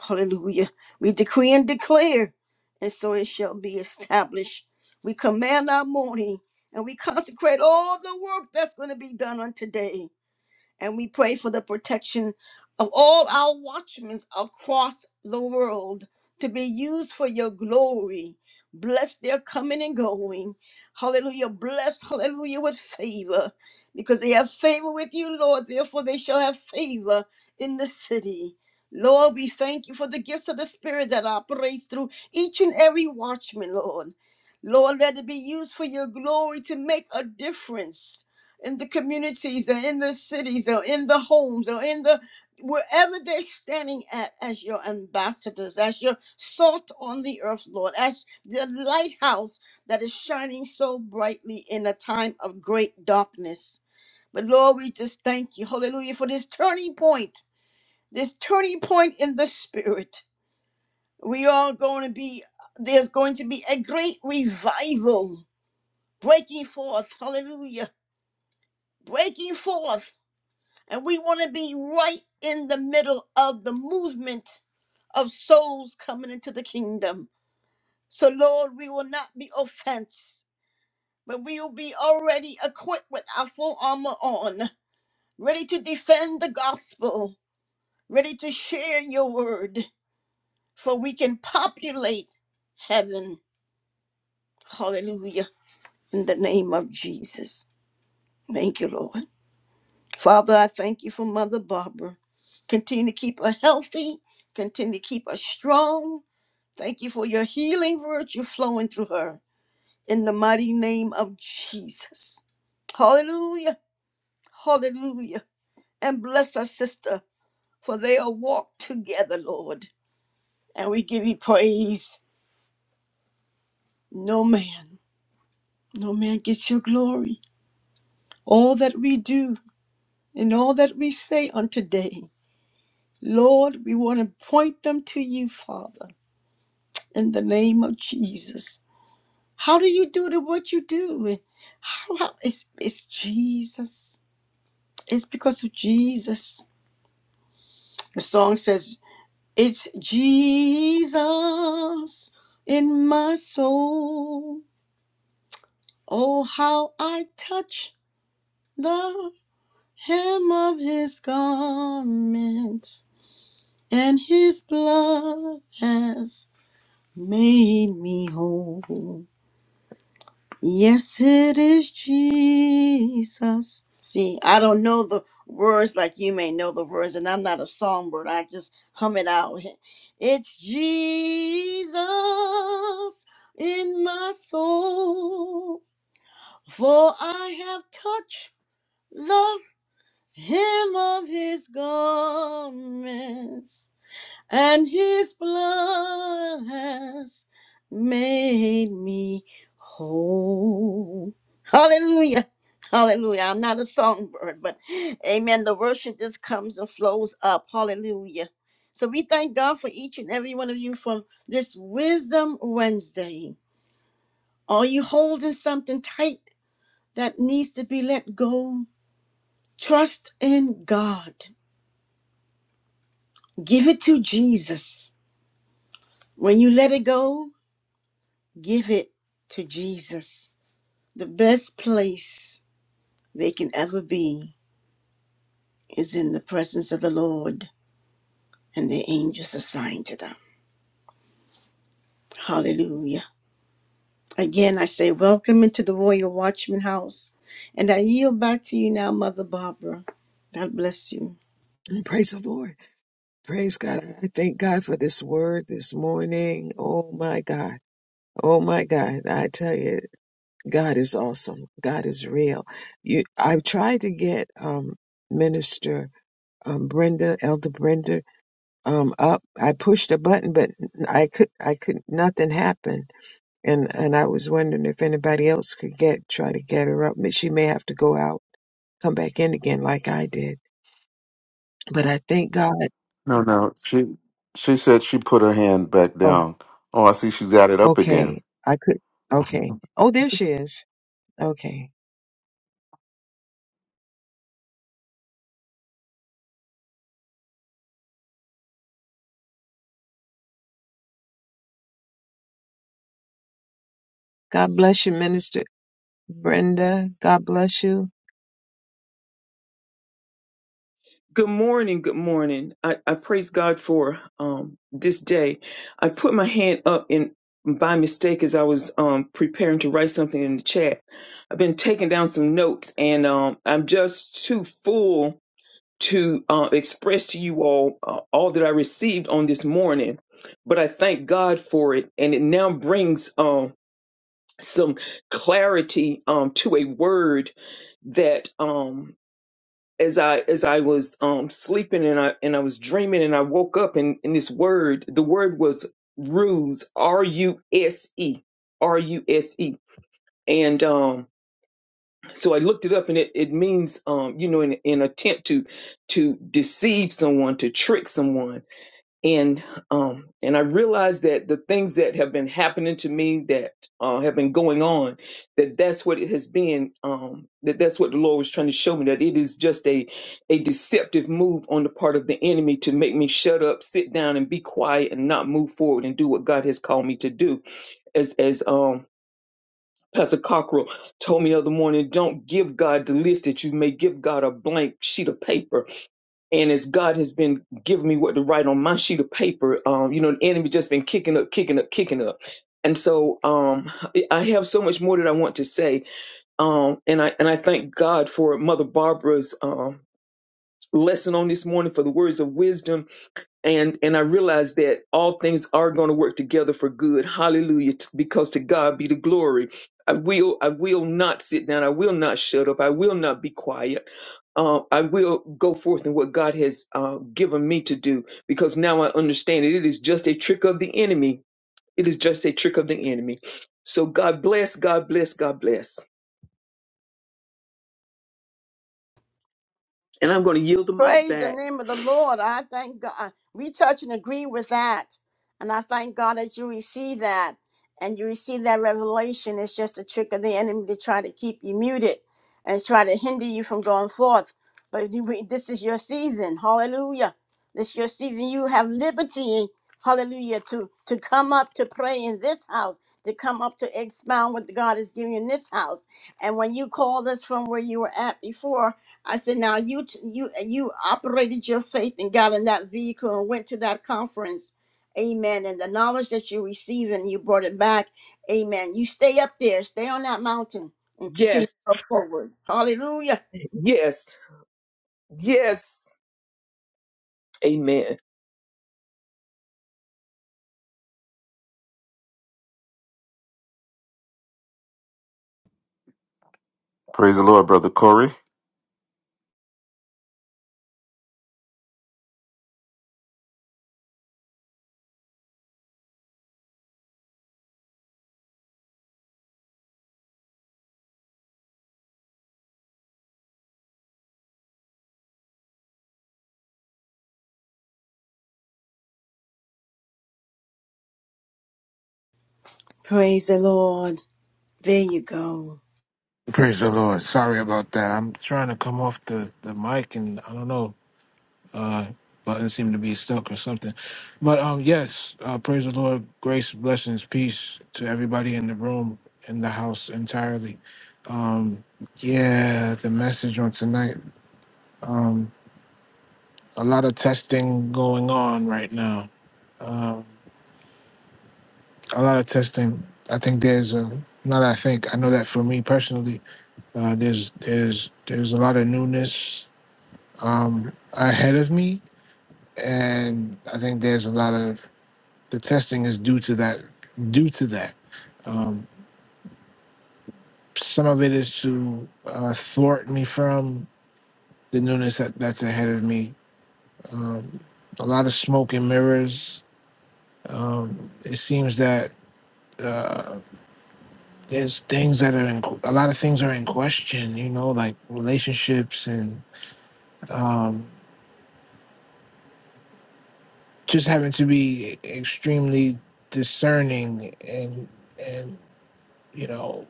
Speaker 1: Hallelujah. We decree and declare, and so it shall be established. We command our morning and we consecrate all the work that's going to be done on today. And we pray for the protection of all our watchmen across the world to be used for your glory. Bless their coming and going. Hallelujah. Bless, hallelujah, with favor. Because they have favor with you, Lord. Therefore, they shall have favor in the city. Lord, we thank you for the gifts of the Spirit that operates through each and every watchman, Lord. Lord, let it be used for your glory to make a difference in the communities or in the cities or in the homes or in the wherever they're standing at as your ambassadors, as your salt on the earth, Lord, as the lighthouse that is shining so brightly in a time of great darkness. But Lord, we just thank you, hallelujah, for this turning point, this turning point in the spirit. We are going to be, there's going to be a great revival breaking forth, hallelujah, breaking forth And we want to be right in the middle of the movement of souls coming into the kingdom. So, Lord, we will not be offense, but we will be already equipped with our full armor on, ready to defend the gospel, ready to share your word, for we can populate heaven. Hallelujah. In the name of Jesus. Thank you, Lord. Father, I thank you for Mother Barbara. Continue to keep her healthy, continue to keep her strong. Thank you for your healing virtue flowing through her. In the mighty name of Jesus. Hallelujah. Hallelujah. And bless our sister, for they are walked together, Lord. And we give you praise. No man, no man gets your glory. All that we do and all that we say on today, Lord, we want to point them to you, Father. in the name of Jesus. How do you do the what you do? And How, how it's, it's Jesus. It's because of Jesus. The song says, It's Jesus in my soul. Oh, how I touch the hem of his garments, and his blood has made me whole. Yes, it is Jesus. See, I don't know the words like you may know the words, and I'm not a songbird. I just hum it out. It's Jesus in my soul, for I have touched the hem of his garments and his blood has made me whole. Hallelujah. Hallelujah. I'm not a songbird, but amen. The worship just comes and flows up. Hallelujah. So we thank God for each and every one of you from this Wisdom Wednesday. Are you holding something tight that needs to be let go? Trust in God. Give it to Jesus. When you let it go, Give it to Jesus. The best place they can ever be is in the presence of the Lord and the angels assigned to them. Hallelujah. Again, I say, welcome into the Royal Watchman House. And I yield back to you now, Mother Barbara. God bless you.
Speaker 2: Praise the Lord. Praise God. I thank God for this word this morning. Oh my God. Oh my God. I tell you, God is awesome. God is real. You, I've tried to get um, Minister um, Brenda, Elder Brenda um up. I pushed a button, but I could I could nothing happened. And and I was wondering if anybody else could get try to get her up. But She may have to go out, come back in again like I did. But I thank God.
Speaker 4: No, no. She she said she put her hand back
Speaker 2: Oh,
Speaker 4: down. Oh, I see she's got it up again.
Speaker 2: okay. I could. Okay. Oh, there she is. Okay. God bless you, Minister Brenda. God bless you.
Speaker 8: Good morning. Good morning. I, I praise God for um, this day. I put my hand up and by mistake as I was um, preparing to write something in the chat. I've been taking down some notes and um, I'm just too full to uh, express to you all uh, all that I received on this morning. But I thank God for it. And it now brings um, some clarity um, to a word that. Um, as I as I was um sleeping and I and I was dreaming and I woke up and, and this word the word was ruse R U S E R U S E and um so I looked it up and it, it means um you know in an attempt to to deceive someone to trick someone and um and i realized that the things that have been happening to me that uh have been going on that that's what it has been um that that's what the lord was trying to show me that it is just a a deceptive move on the part of the enemy to make me shut up sit down and be quiet and not move forward and do what god has called me to do as as um Pastor Cockrell told me the other morning, don't give God the list that you may give God a blank sheet of paper and as God has been giving me what to write on my sheet of paper, um, you know, the enemy just been kicking up, kicking up, kicking up. And so um, I have so much more that I want to say, um, and I and I thank God for Mother Barbara's um, lesson on this morning for the words of wisdom and and I realize that all things are going to work together for good. Hallelujah! t- Because to God be the glory. I will I will not sit down. I will not shut up. I will not be quiet. Uh, I will go forth in what God has uh, given me to do because now I understand it. It is just a trick of the enemy. It is just a trick of the enemy. So God bless, God bless, God bless. And I'm going to yield the mic
Speaker 1: Praise the
Speaker 8: back.
Speaker 1: name of the Lord. I thank God. We touch and agree with that. And I thank God that you receive that and you receive that revelation. It's just a trick of the enemy to try to keep you muted and try to hinder you from going forth. But you- we- this is your season. Hallelujah. This is your season. You have liberty. Hallelujah. To, to come up to pray in this house, to come up to expound what God is giving you in this house. And when you called us from where you were at before, I said, now you t- you uh, you operated your faith and got in that vehicle and went to that conference, amen. And the knowledge that you received and you brought it back, amen. You stay up there, stay on that mountain, and continue to
Speaker 8: Yes,
Speaker 1: go forward. Hallelujah.
Speaker 8: yes, yes. Amen.
Speaker 4: Praise the Lord, Brother Corey.
Speaker 1: Praise the Lord. There you go.
Speaker 9: Praise the Lord. Sorry about that. I'm trying to come off the, the mic and I don't know, uh button seemed to be stuck or something. But um yes, uh praise the Lord, grace, blessings, peace to everybody in the room, in the house entirely. Yeah, the message on tonight. A lot of testing going on right now. Um a lot of testing. I think there's a not I think, I know that for me personally, uh there's there's there's a lot of newness um ahead of me and I think there's a lot of the testing is due to that. Due to that, um, some of it is to uh, thwart me from the newness that, that's ahead of me. Um, a lot of smoke and mirrors. Um, it seems that uh, there's things that are in, a lot of things are in question. You know, like relationships and um, just having to be extremely discerning and and you know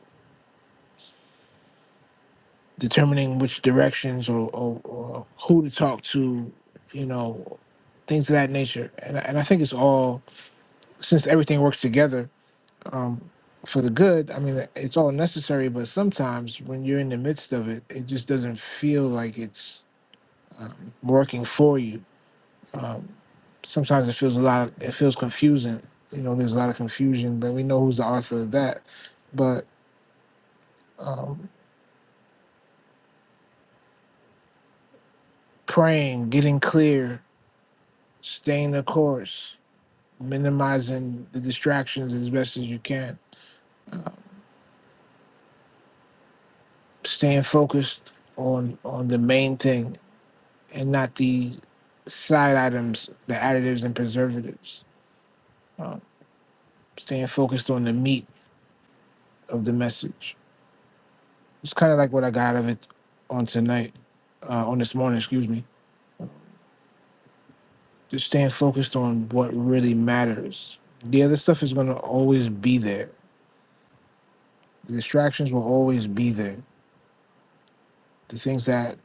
Speaker 9: determining which directions or, or, or who to talk to, you know, things of that nature. And, I- and I think it's all, since everything works together um, for the good, I mean, it's all necessary, but sometimes when you're in the midst of it, it just doesn't feel like it's um, working for you. Um, sometimes it feels a lot, it feels confusing. You know, there's a lot of confusion, but we know who's the author of that. But um, praying, getting clear, staying the course, minimizing the distractions as best as you can, uh, staying focused on on the main thing and not the side items, the additives and preservatives. Uh, staying focused on the meat of the message. It's kind of like what I got out of it on tonight, uh, on this morning, excuse me. Just staying focused on what really matters. The other stuff is going to always be there. The distractions will always be there. The things that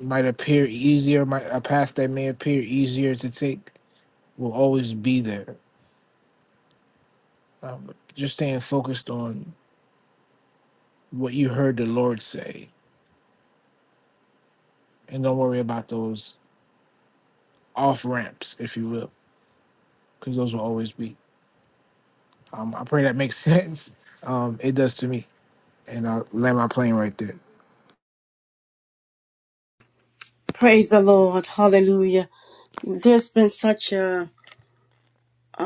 Speaker 9: might appear easier, might a path that may appear easier to take will always be there. Um, just staying focused on what you heard the Lord say, and don't worry about those off ramps, if you will, because those will always be. Um, I pray that makes sense. Um, it does to me, and I'll land my plane right there.
Speaker 1: Praise the Lord. Hallelujah. There's been such a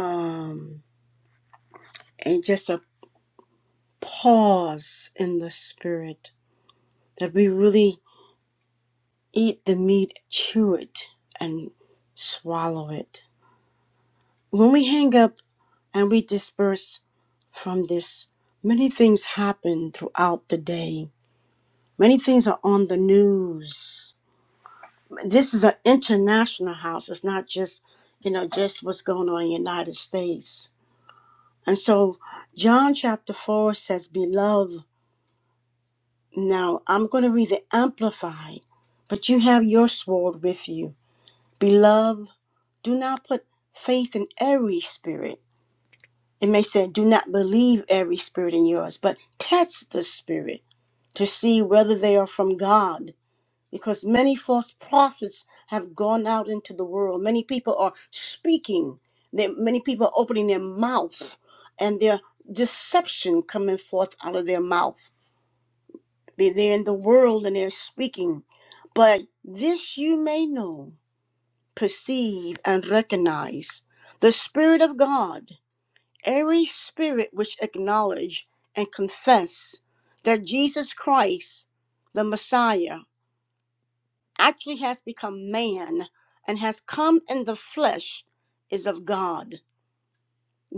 Speaker 1: um and just a pause in the spirit that we really eat the meat, chew it, and swallow it. When we hang up and we disperse from this, many things happen throughout the day. Many things are on the news. This is an international house. It's not just, you know, just what's going on in the United States. And so John chapter 4 says, Beloved, now I'm going to read the Amplified, but you have your sword with you Beloved, do not put faith in every spirit. It may say, do not believe every spirit in yours, but test the spirit to see whether they are from God. Because many false prophets have gone out into the world. Many people are speaking. They, many people are opening their mouth and their deception coming forth out of their mouth. They- They're in the world and they're speaking. But this you may know perceive, and recognize the Spirit of God, every spirit which acknowledge and confess that Jesus Christ, the Messiah, actually has become man and has come in the flesh is of God.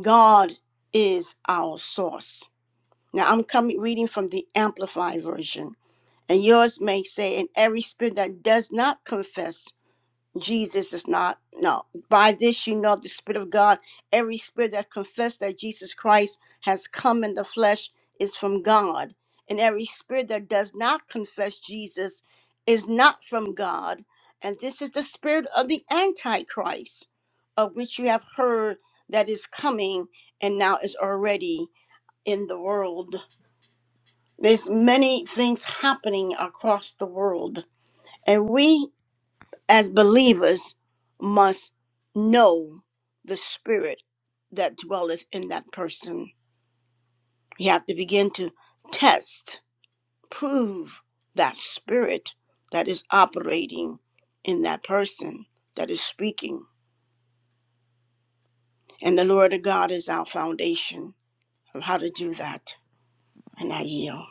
Speaker 1: God is our source. Now I'm coming reading from the Amplified version, and yours may say, "In every spirit that does not confess." Jesus is not. No. By this you know the Spirit of God. Every spirit that confess that Jesus Christ has come in the flesh is from God. And every spirit that does not confess Jesus is not from God. And this is the spirit of the Antichrist, of which you have heard that is coming and now is already in the world. There's many things happening across the world. And we as believers must know the spirit that dwelleth in that person. You have to begin to test, prove that spirit that is operating in that person that is speaking. And the Lord of God is our foundation of how to do that. And I yield.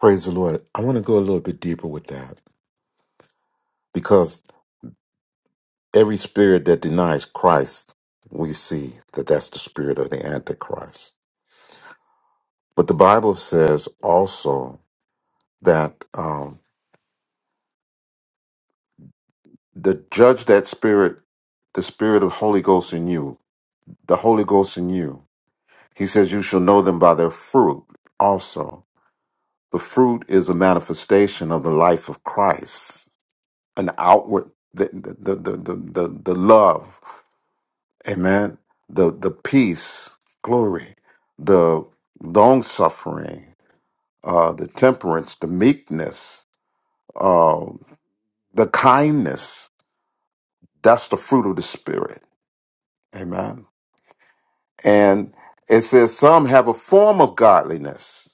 Speaker 4: Praise the Lord. I want to go a little bit deeper with that. because every spirit that denies Christ, we see that that's the spirit of the Antichrist. But the Bible says also that um, the judge that spirit, the spirit of Holy Ghost in you, the Holy Ghost in you. He says, "You shall know them by their fruit." Also, the fruit is a manifestation of the life of Christ, an outward the the the the the, the love. Amen. The the peace, glory, the long suffering, uh, the temperance, the meekness, uh, the kindness. That's the fruit of the spirit. Amen. And it says some have a form of godliness,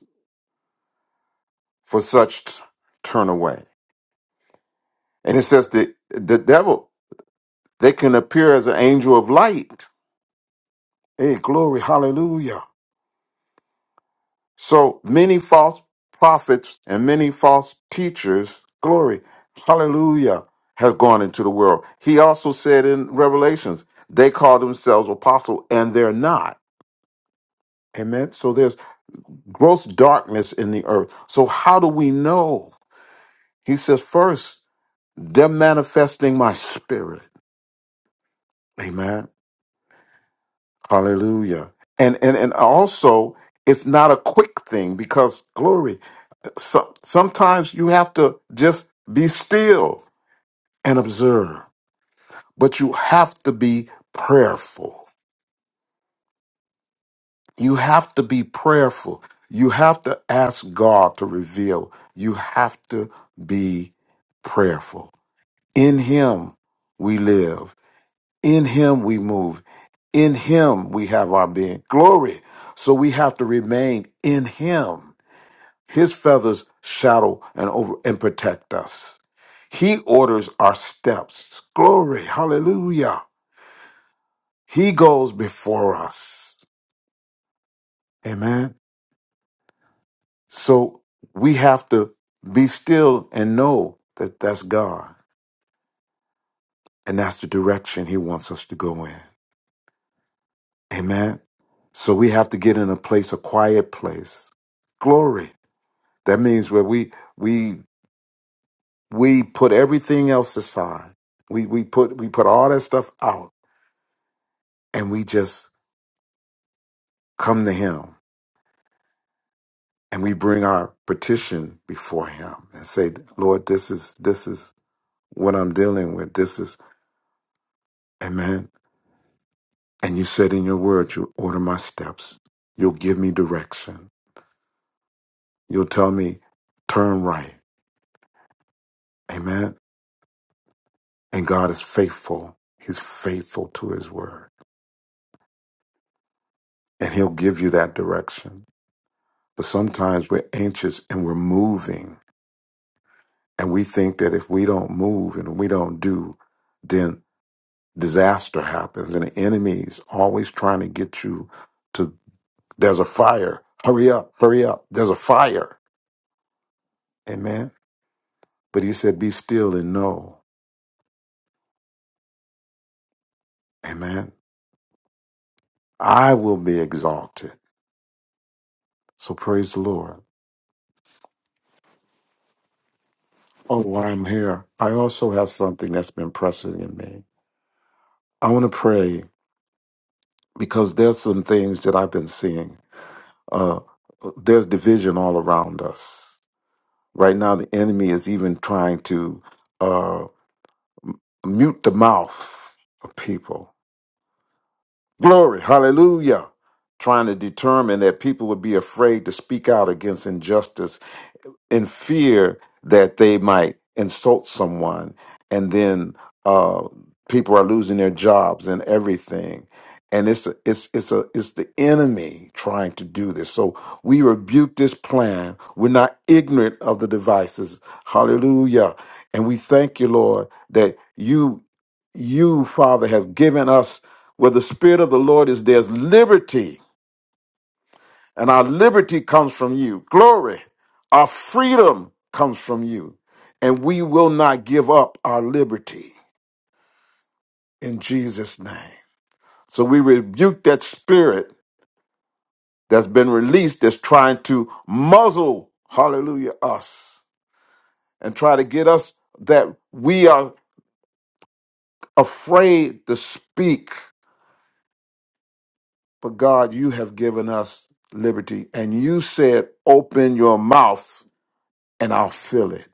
Speaker 4: for such t- turn away. And it says the the devil they can appear as an angel of light. Hey, glory, hallelujah. So many false prophets and many false teachers, glory, hallelujah, have gone into the world. He also said in Revelations, they call themselves apostle and they're not. Amen. So there's gross darkness in the earth. So how do we know? He says, first, they're manifesting my spirit. Amen. Hallelujah. And and and also it's not a quick thing because glory. some, sometimes you have to just be still and observe, but you have to be prayerful. You have to be prayerful. You have to ask God to reveal. You have to be prayerful. In Him we live, in Him we move, in Him we have our being. Glory. So we have to remain in Him His feathers shadow and over and protect us. He orders our steps. Glory, hallelujah. He goes before us. Amen. So we have to be still and know that that's God and that's the direction he wants us to go in. Amen. So we have to get in a place, a quiet place. Glory. That means where we we we put everything else aside. We we put we put all that stuff out and we just come to him and we bring our petition before him and say lord this is this is what i'm dealing with this is amen and you said in your word you order my steps you'll give me direction you'll tell me turn right amen and god is faithful he's faithful to his word and he'll give you that direction but sometimes we're anxious and we're moving and we think that if we don't move and we don't do then disaster happens and the enemy's always trying to get you to there's a fire hurry up hurry up there's a fire amen but he said be still and know amen i will be exalted so praise the lord oh while i'm here i also have something that's been pressing in me i want to pray because there's some things that i've been seeing uh there's division all around us right now the enemy is even trying to uh, mute the mouth of people. Glory, hallelujah. Trying to determine that people would be afraid to speak out against injustice in fear that they might insult someone and then uh, people are losing their jobs and everything and it's a, it's it's a it's the enemy trying to do this so we rebuke this plan we're not ignorant of the devices hallelujah and we thank you lord that you you father have given us where the spirit of the lord is there's liberty and our liberty comes from you. Glory. Our freedom comes from you. And we will not give up our liberty in Jesus' name. So we rebuke that spirit that's been released that's trying to muzzle, hallelujah, us and try to get us that we are afraid to speak. But God, you have given us liberty. And you said, open your mouth and I'll fill it.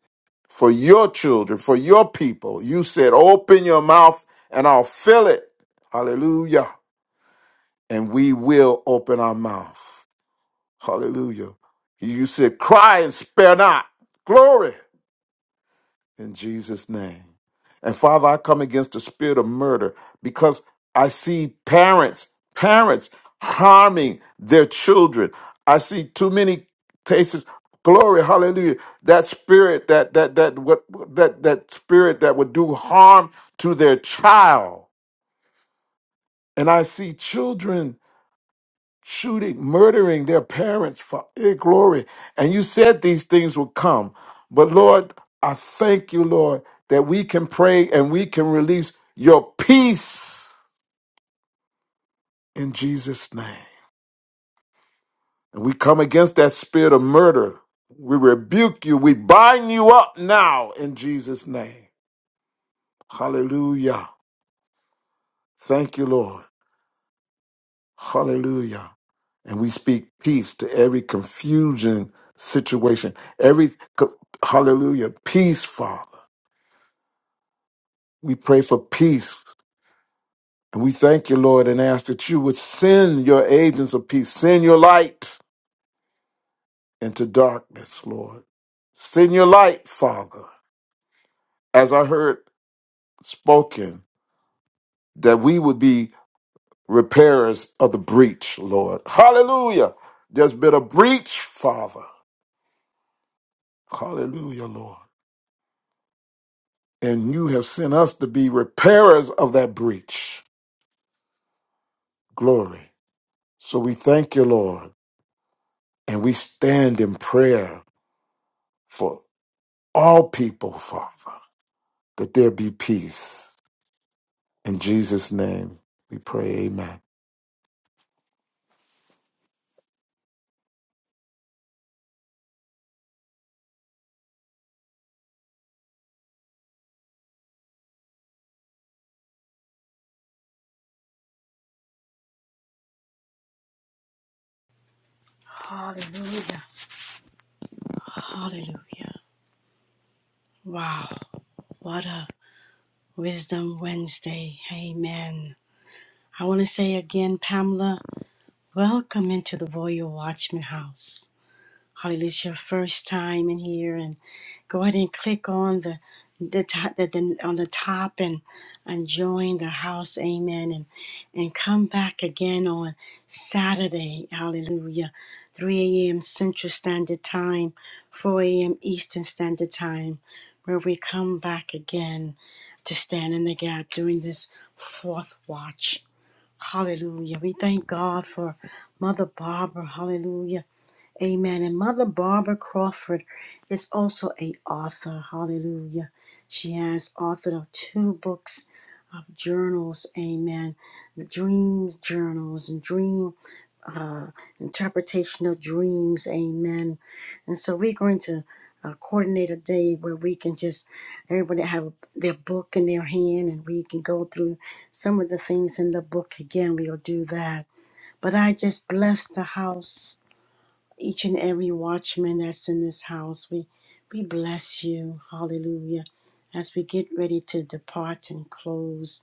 Speaker 4: for your children, for your people. You said, Open your mouth and I'll fill it. Hallelujah. And we will open our mouth. Hallelujah. You said, Cry and spare not. Glory in Jesus' name. And Father, I come against the spirit of murder because I see parents, parents harming their children. I see too many cases. Glory, hallelujah. That spirit that that that what that that spirit that would do harm to their child. And I see children shooting, murdering their parents for your glory. And you said these things will come. But Lord, I thank you, Lord, that we can pray and we can release your peace in Jesus' name. And we come against that spirit of murder. We rebuke you. We bind you up now in Jesus' name. Hallelujah. Thank you, Lord. Hallelujah. And we speak peace to every confusion situation. Every hallelujah, peace, Father. We pray for peace. And we thank you, Lord, and ask that you would send your agents of peace, send your light into darkness, Lord. Send your light, Father, as I heard spoken, that we would be repairers of the breach, Lord. Hallelujah. There's been a breach, Father. Hallelujah, Lord. and you have sent us to be repairers of that breach. Glory. So we thank you, Lord, and we stand in prayer for all people, Father, that there be peace. In Jesus' name we pray, amen.
Speaker 1: Hallelujah. Hallelujah. Wow. What a Wisdom Wednesday. Amen. I want to say again, Pamela. Welcome into the Royal Watchman House. Hallelujah. It's your first time in here and go ahead and click on the the, top, the, the on the top and and join the house. Amen. And and come back again on Saturday. Hallelujah. 3 a.m. Central Standard Time, 4 a.m. Eastern Standard Time, where we come back again to stand in the gap during this fourth watch. Hallelujah. We thank God for Mother Barbara. Hallelujah. Amen. And Mother Barbara Crawford is also a author. Hallelujah. She has authored of two books of journals. Amen. The dreams journals and dream uh, interpretation of dreams. Amen. And so we're going to uh, coordinate a day where we can just everybody have their book in their hand and we can go through some of the things in the book again. We'll do that. But I just bless the house, each and every watchman that's in this house. We we bless you. Hallelujah. As we get ready to depart and close.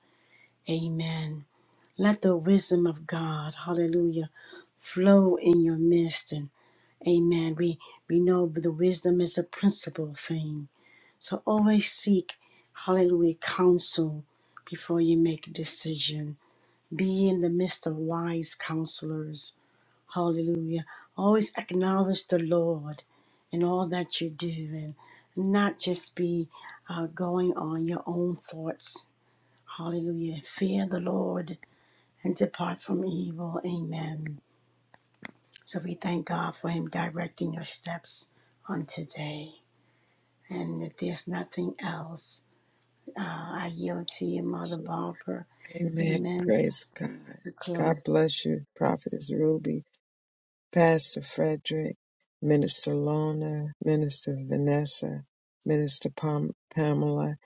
Speaker 1: Amen. Let the wisdom of God, hallelujah, flow in your midst. And amen. We we know the wisdom is the principal thing. So always seek, hallelujah, counsel before you make a decision. Be in the midst of wise counselors. Hallelujah. Always acknowledge the Lord in all that you do and not just be uh, going on your own thoughts. Hallelujah. Fear the Lord and depart from evil. Amen. So we thank God for Him directing your steps on today. And if there's nothing else, uh, I yield to you, Mother Barbara.
Speaker 2: Amen.
Speaker 1: Amen.
Speaker 2: Praise God.
Speaker 1: To
Speaker 2: God
Speaker 1: close.
Speaker 2: bless you, Prophetess Ruby. Pastor Frederick, Minister Lona, Minister Vanessa, Minister Pam- Pamela,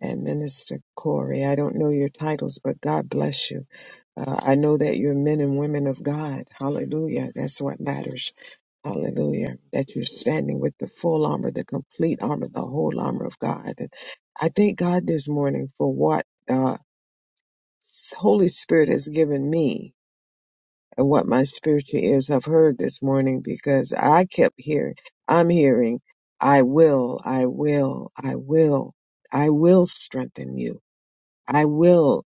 Speaker 2: and Minister Corey. I don't know your titles, but God bless you. Uh, I know that you're men and women of God. Hallelujah. That's what matters. Hallelujah. That you're standing with the full armor, the complete armor, the whole armor of God. And I thank God this morning for what uh, Holy Spirit has given me and what my spiritual ears have heard this morning because I kept hearing, I'm hearing, I will, I will, I will, I will strengthen you. I will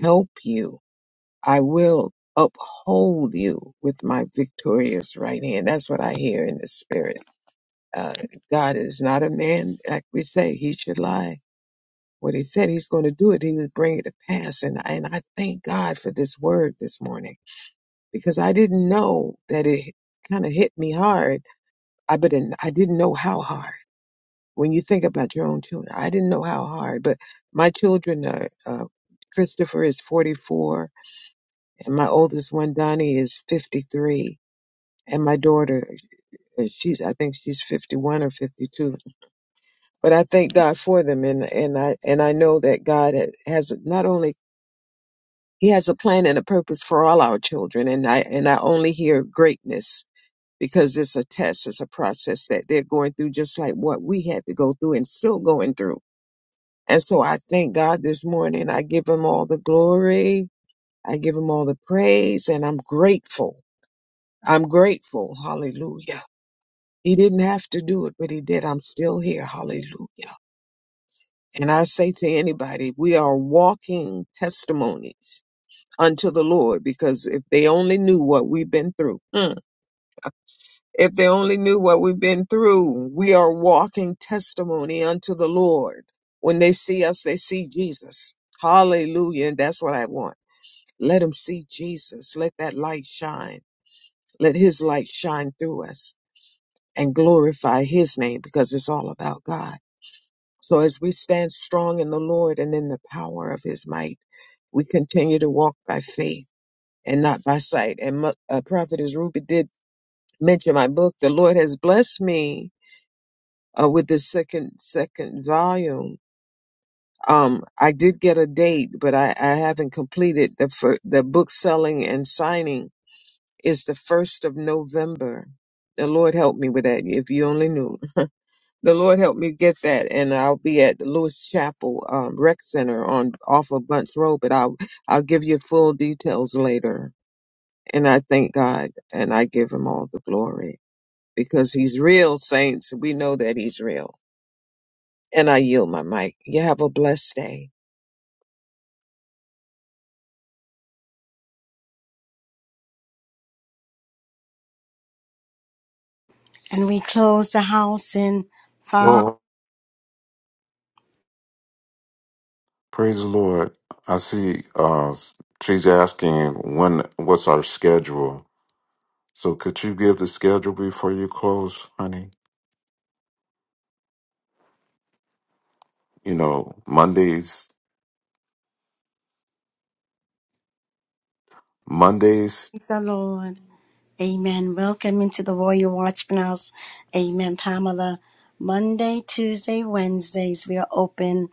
Speaker 2: help you. I will uphold you with my victorious right hand. That's what I hear in the spirit. Uh, God is not a man, like we say, he should lie. What he said he's going to do it, he would bring it to pass. And, and I thank God for this word this morning. because I didn't know that it kind of hit me hard. I but I didn't know how hard. When you think about your own children, I didn't know how hard. But my children are uh, Christopher is 44, and my oldest one Donnie is 53, and my daughter uh, she's I think she's 51 or 52. But I thank God for them, and and I and I know that God ha- has not only he has a plan and a purpose for all our children, and I and I only hear greatness because it's a test, it's a process that they're going through, just like what we had to go through and still going through. And so I thank God this morning. I give him all the glory, I give him all the praise, and I'm grateful. I'm grateful. Hallelujah. He didn't have to do it, but he did. I'm still here. Hallelujah. And I say to anybody, we are walking testimonies unto the Lord because if they only knew what we've been through. mm, If they only knew what we've been through, we are walking testimony unto the Lord. When they see us, they see Jesus. Hallelujah. And that's what I want. Let them see Jesus. Let that light shine. Let his light shine through us and glorify his name because it's all about God. So as we stand strong in the Lord and in the power of his might, we continue to walk by faith and not by sight. And Mo- uh, Prophetess Ruby did mention my book, The Lord Has Blessed Me uh, with the second second volume. Um, I did get a date, but I, I haven't completed the fir- the book selling and signing is the first of November. The Lord help me with that. If you only knew, the Lord help me get that, and I'll be at the Lewis Chapel um, Rec Center on off of Bunts Road. But I'll I'll give you full details later. And I thank God, and I give Him all the glory because He's real, saints. We know that He's real And I yield my mic. You have a blessed day.
Speaker 1: And we close the house in five.
Speaker 4: Lord. Praise the Lord. I see uh, she's asking when what's our schedule. So could you give the schedule before you close, honey? You know, Mondays. Mondays.
Speaker 1: Praise the Lord. Amen. Welcome into the Royal Watchman House. Amen, Pamela. Monday, Tuesday, Wednesdays, we are open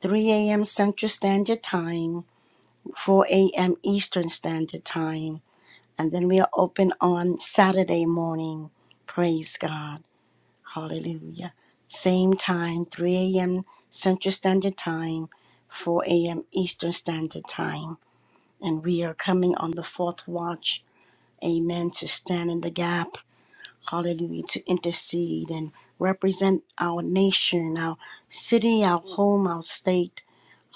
Speaker 1: 3 a.m. Central Standard Time, 4 a.m. Eastern Standard Time. And then we are open on Saturday morning. Praise God. Hallelujah. Same time, 3 a.m. Central Standard Time, 4 a.m. Eastern Standard Time. And we are coming on the fourth watch. Amen. To stand in the gap. Hallelujah. To intercede and represent our nation, our city, our home, our state.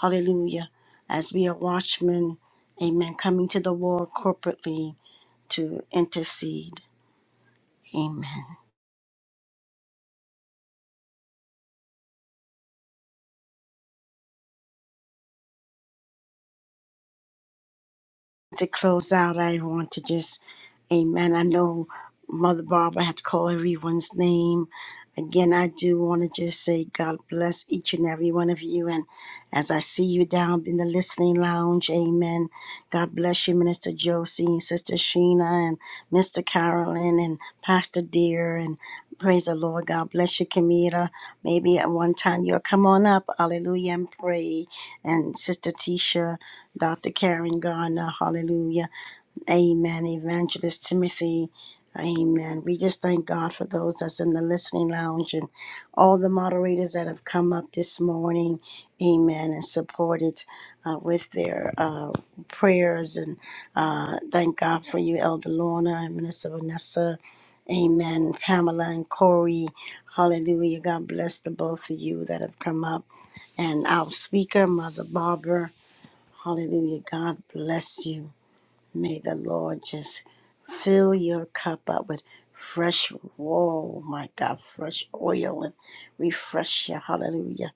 Speaker 1: Hallelujah. As we are watchmen. Amen. Coming to the war corporately to intercede. Amen. To close out, I want to just, amen. I know Mother Barbara had to call everyone's name. Again, I do want to just say God bless each and every one of you. And as I see you down in the listening lounge, amen. God bless you, Minister Josie and Sister Sheena and Mr. Carolyn and Pastor Dear. And praise the Lord. God bless you, Kamita. Maybe at one time you'll come on up. Hallelujah and pray. And Sister Tisha, Dr. Karen Garner. Hallelujah. Amen. Evangelist Timothy. Amen. We just thank God for those that's in the listening lounge and all the moderators that have come up this morning. Amen. And supported uh, with their uh, prayers. And uh, thank God for you, Elder Lorna and Minister Vanessa. Amen. Pamela and Corey. Hallelujah. God bless the both of you that have come up. And our speaker, Mother Barbara. Hallelujah. God bless you. May the Lord just fill your cup up with fresh, whoa, my God, fresh oil and refresh you. Hallelujah.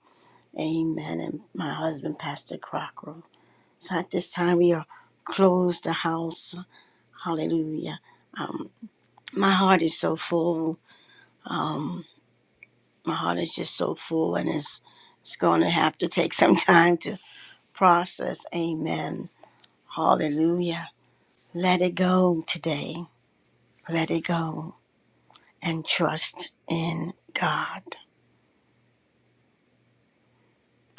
Speaker 1: Amen. And my husband, Pastor Crocker. So at this time, we are close the house. Hallelujah. My heart is so full. My heart is just so full, and it's, it's going to have to take some time to process. Amen. Hallelujah. Let it go today. Let it go. and trust in God.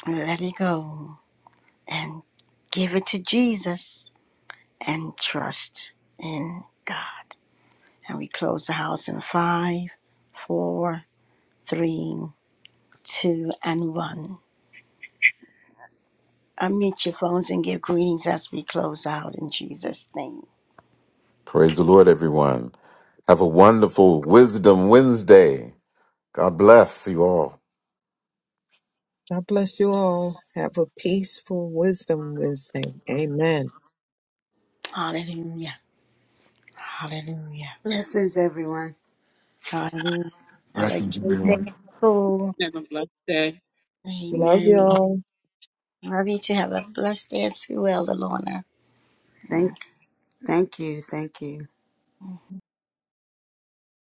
Speaker 1: Let it go and give it to Jesus and trust in God. And we close the house in five, four, three, two, and one. Unmute your phones and give greetings as we close out in Jesus' name.
Speaker 4: Praise the Lord, everyone. Have a wonderful Wisdom Wednesday. God bless you all.
Speaker 2: God bless you all. Have a peaceful wisdom Wednesday. Amen.
Speaker 1: Hallelujah. Hallelujah.
Speaker 3: Blessings, everyone.
Speaker 1: Hallelujah. Have a
Speaker 9: Blessings,
Speaker 1: great day at
Speaker 9: everyone.
Speaker 1: school.
Speaker 6: Have a blessed day.
Speaker 2: Love
Speaker 1: Amen.
Speaker 2: y'all.
Speaker 1: Love you to have a blessed day at school, Elder Lorna.
Speaker 3: Thank, thank you, thank you.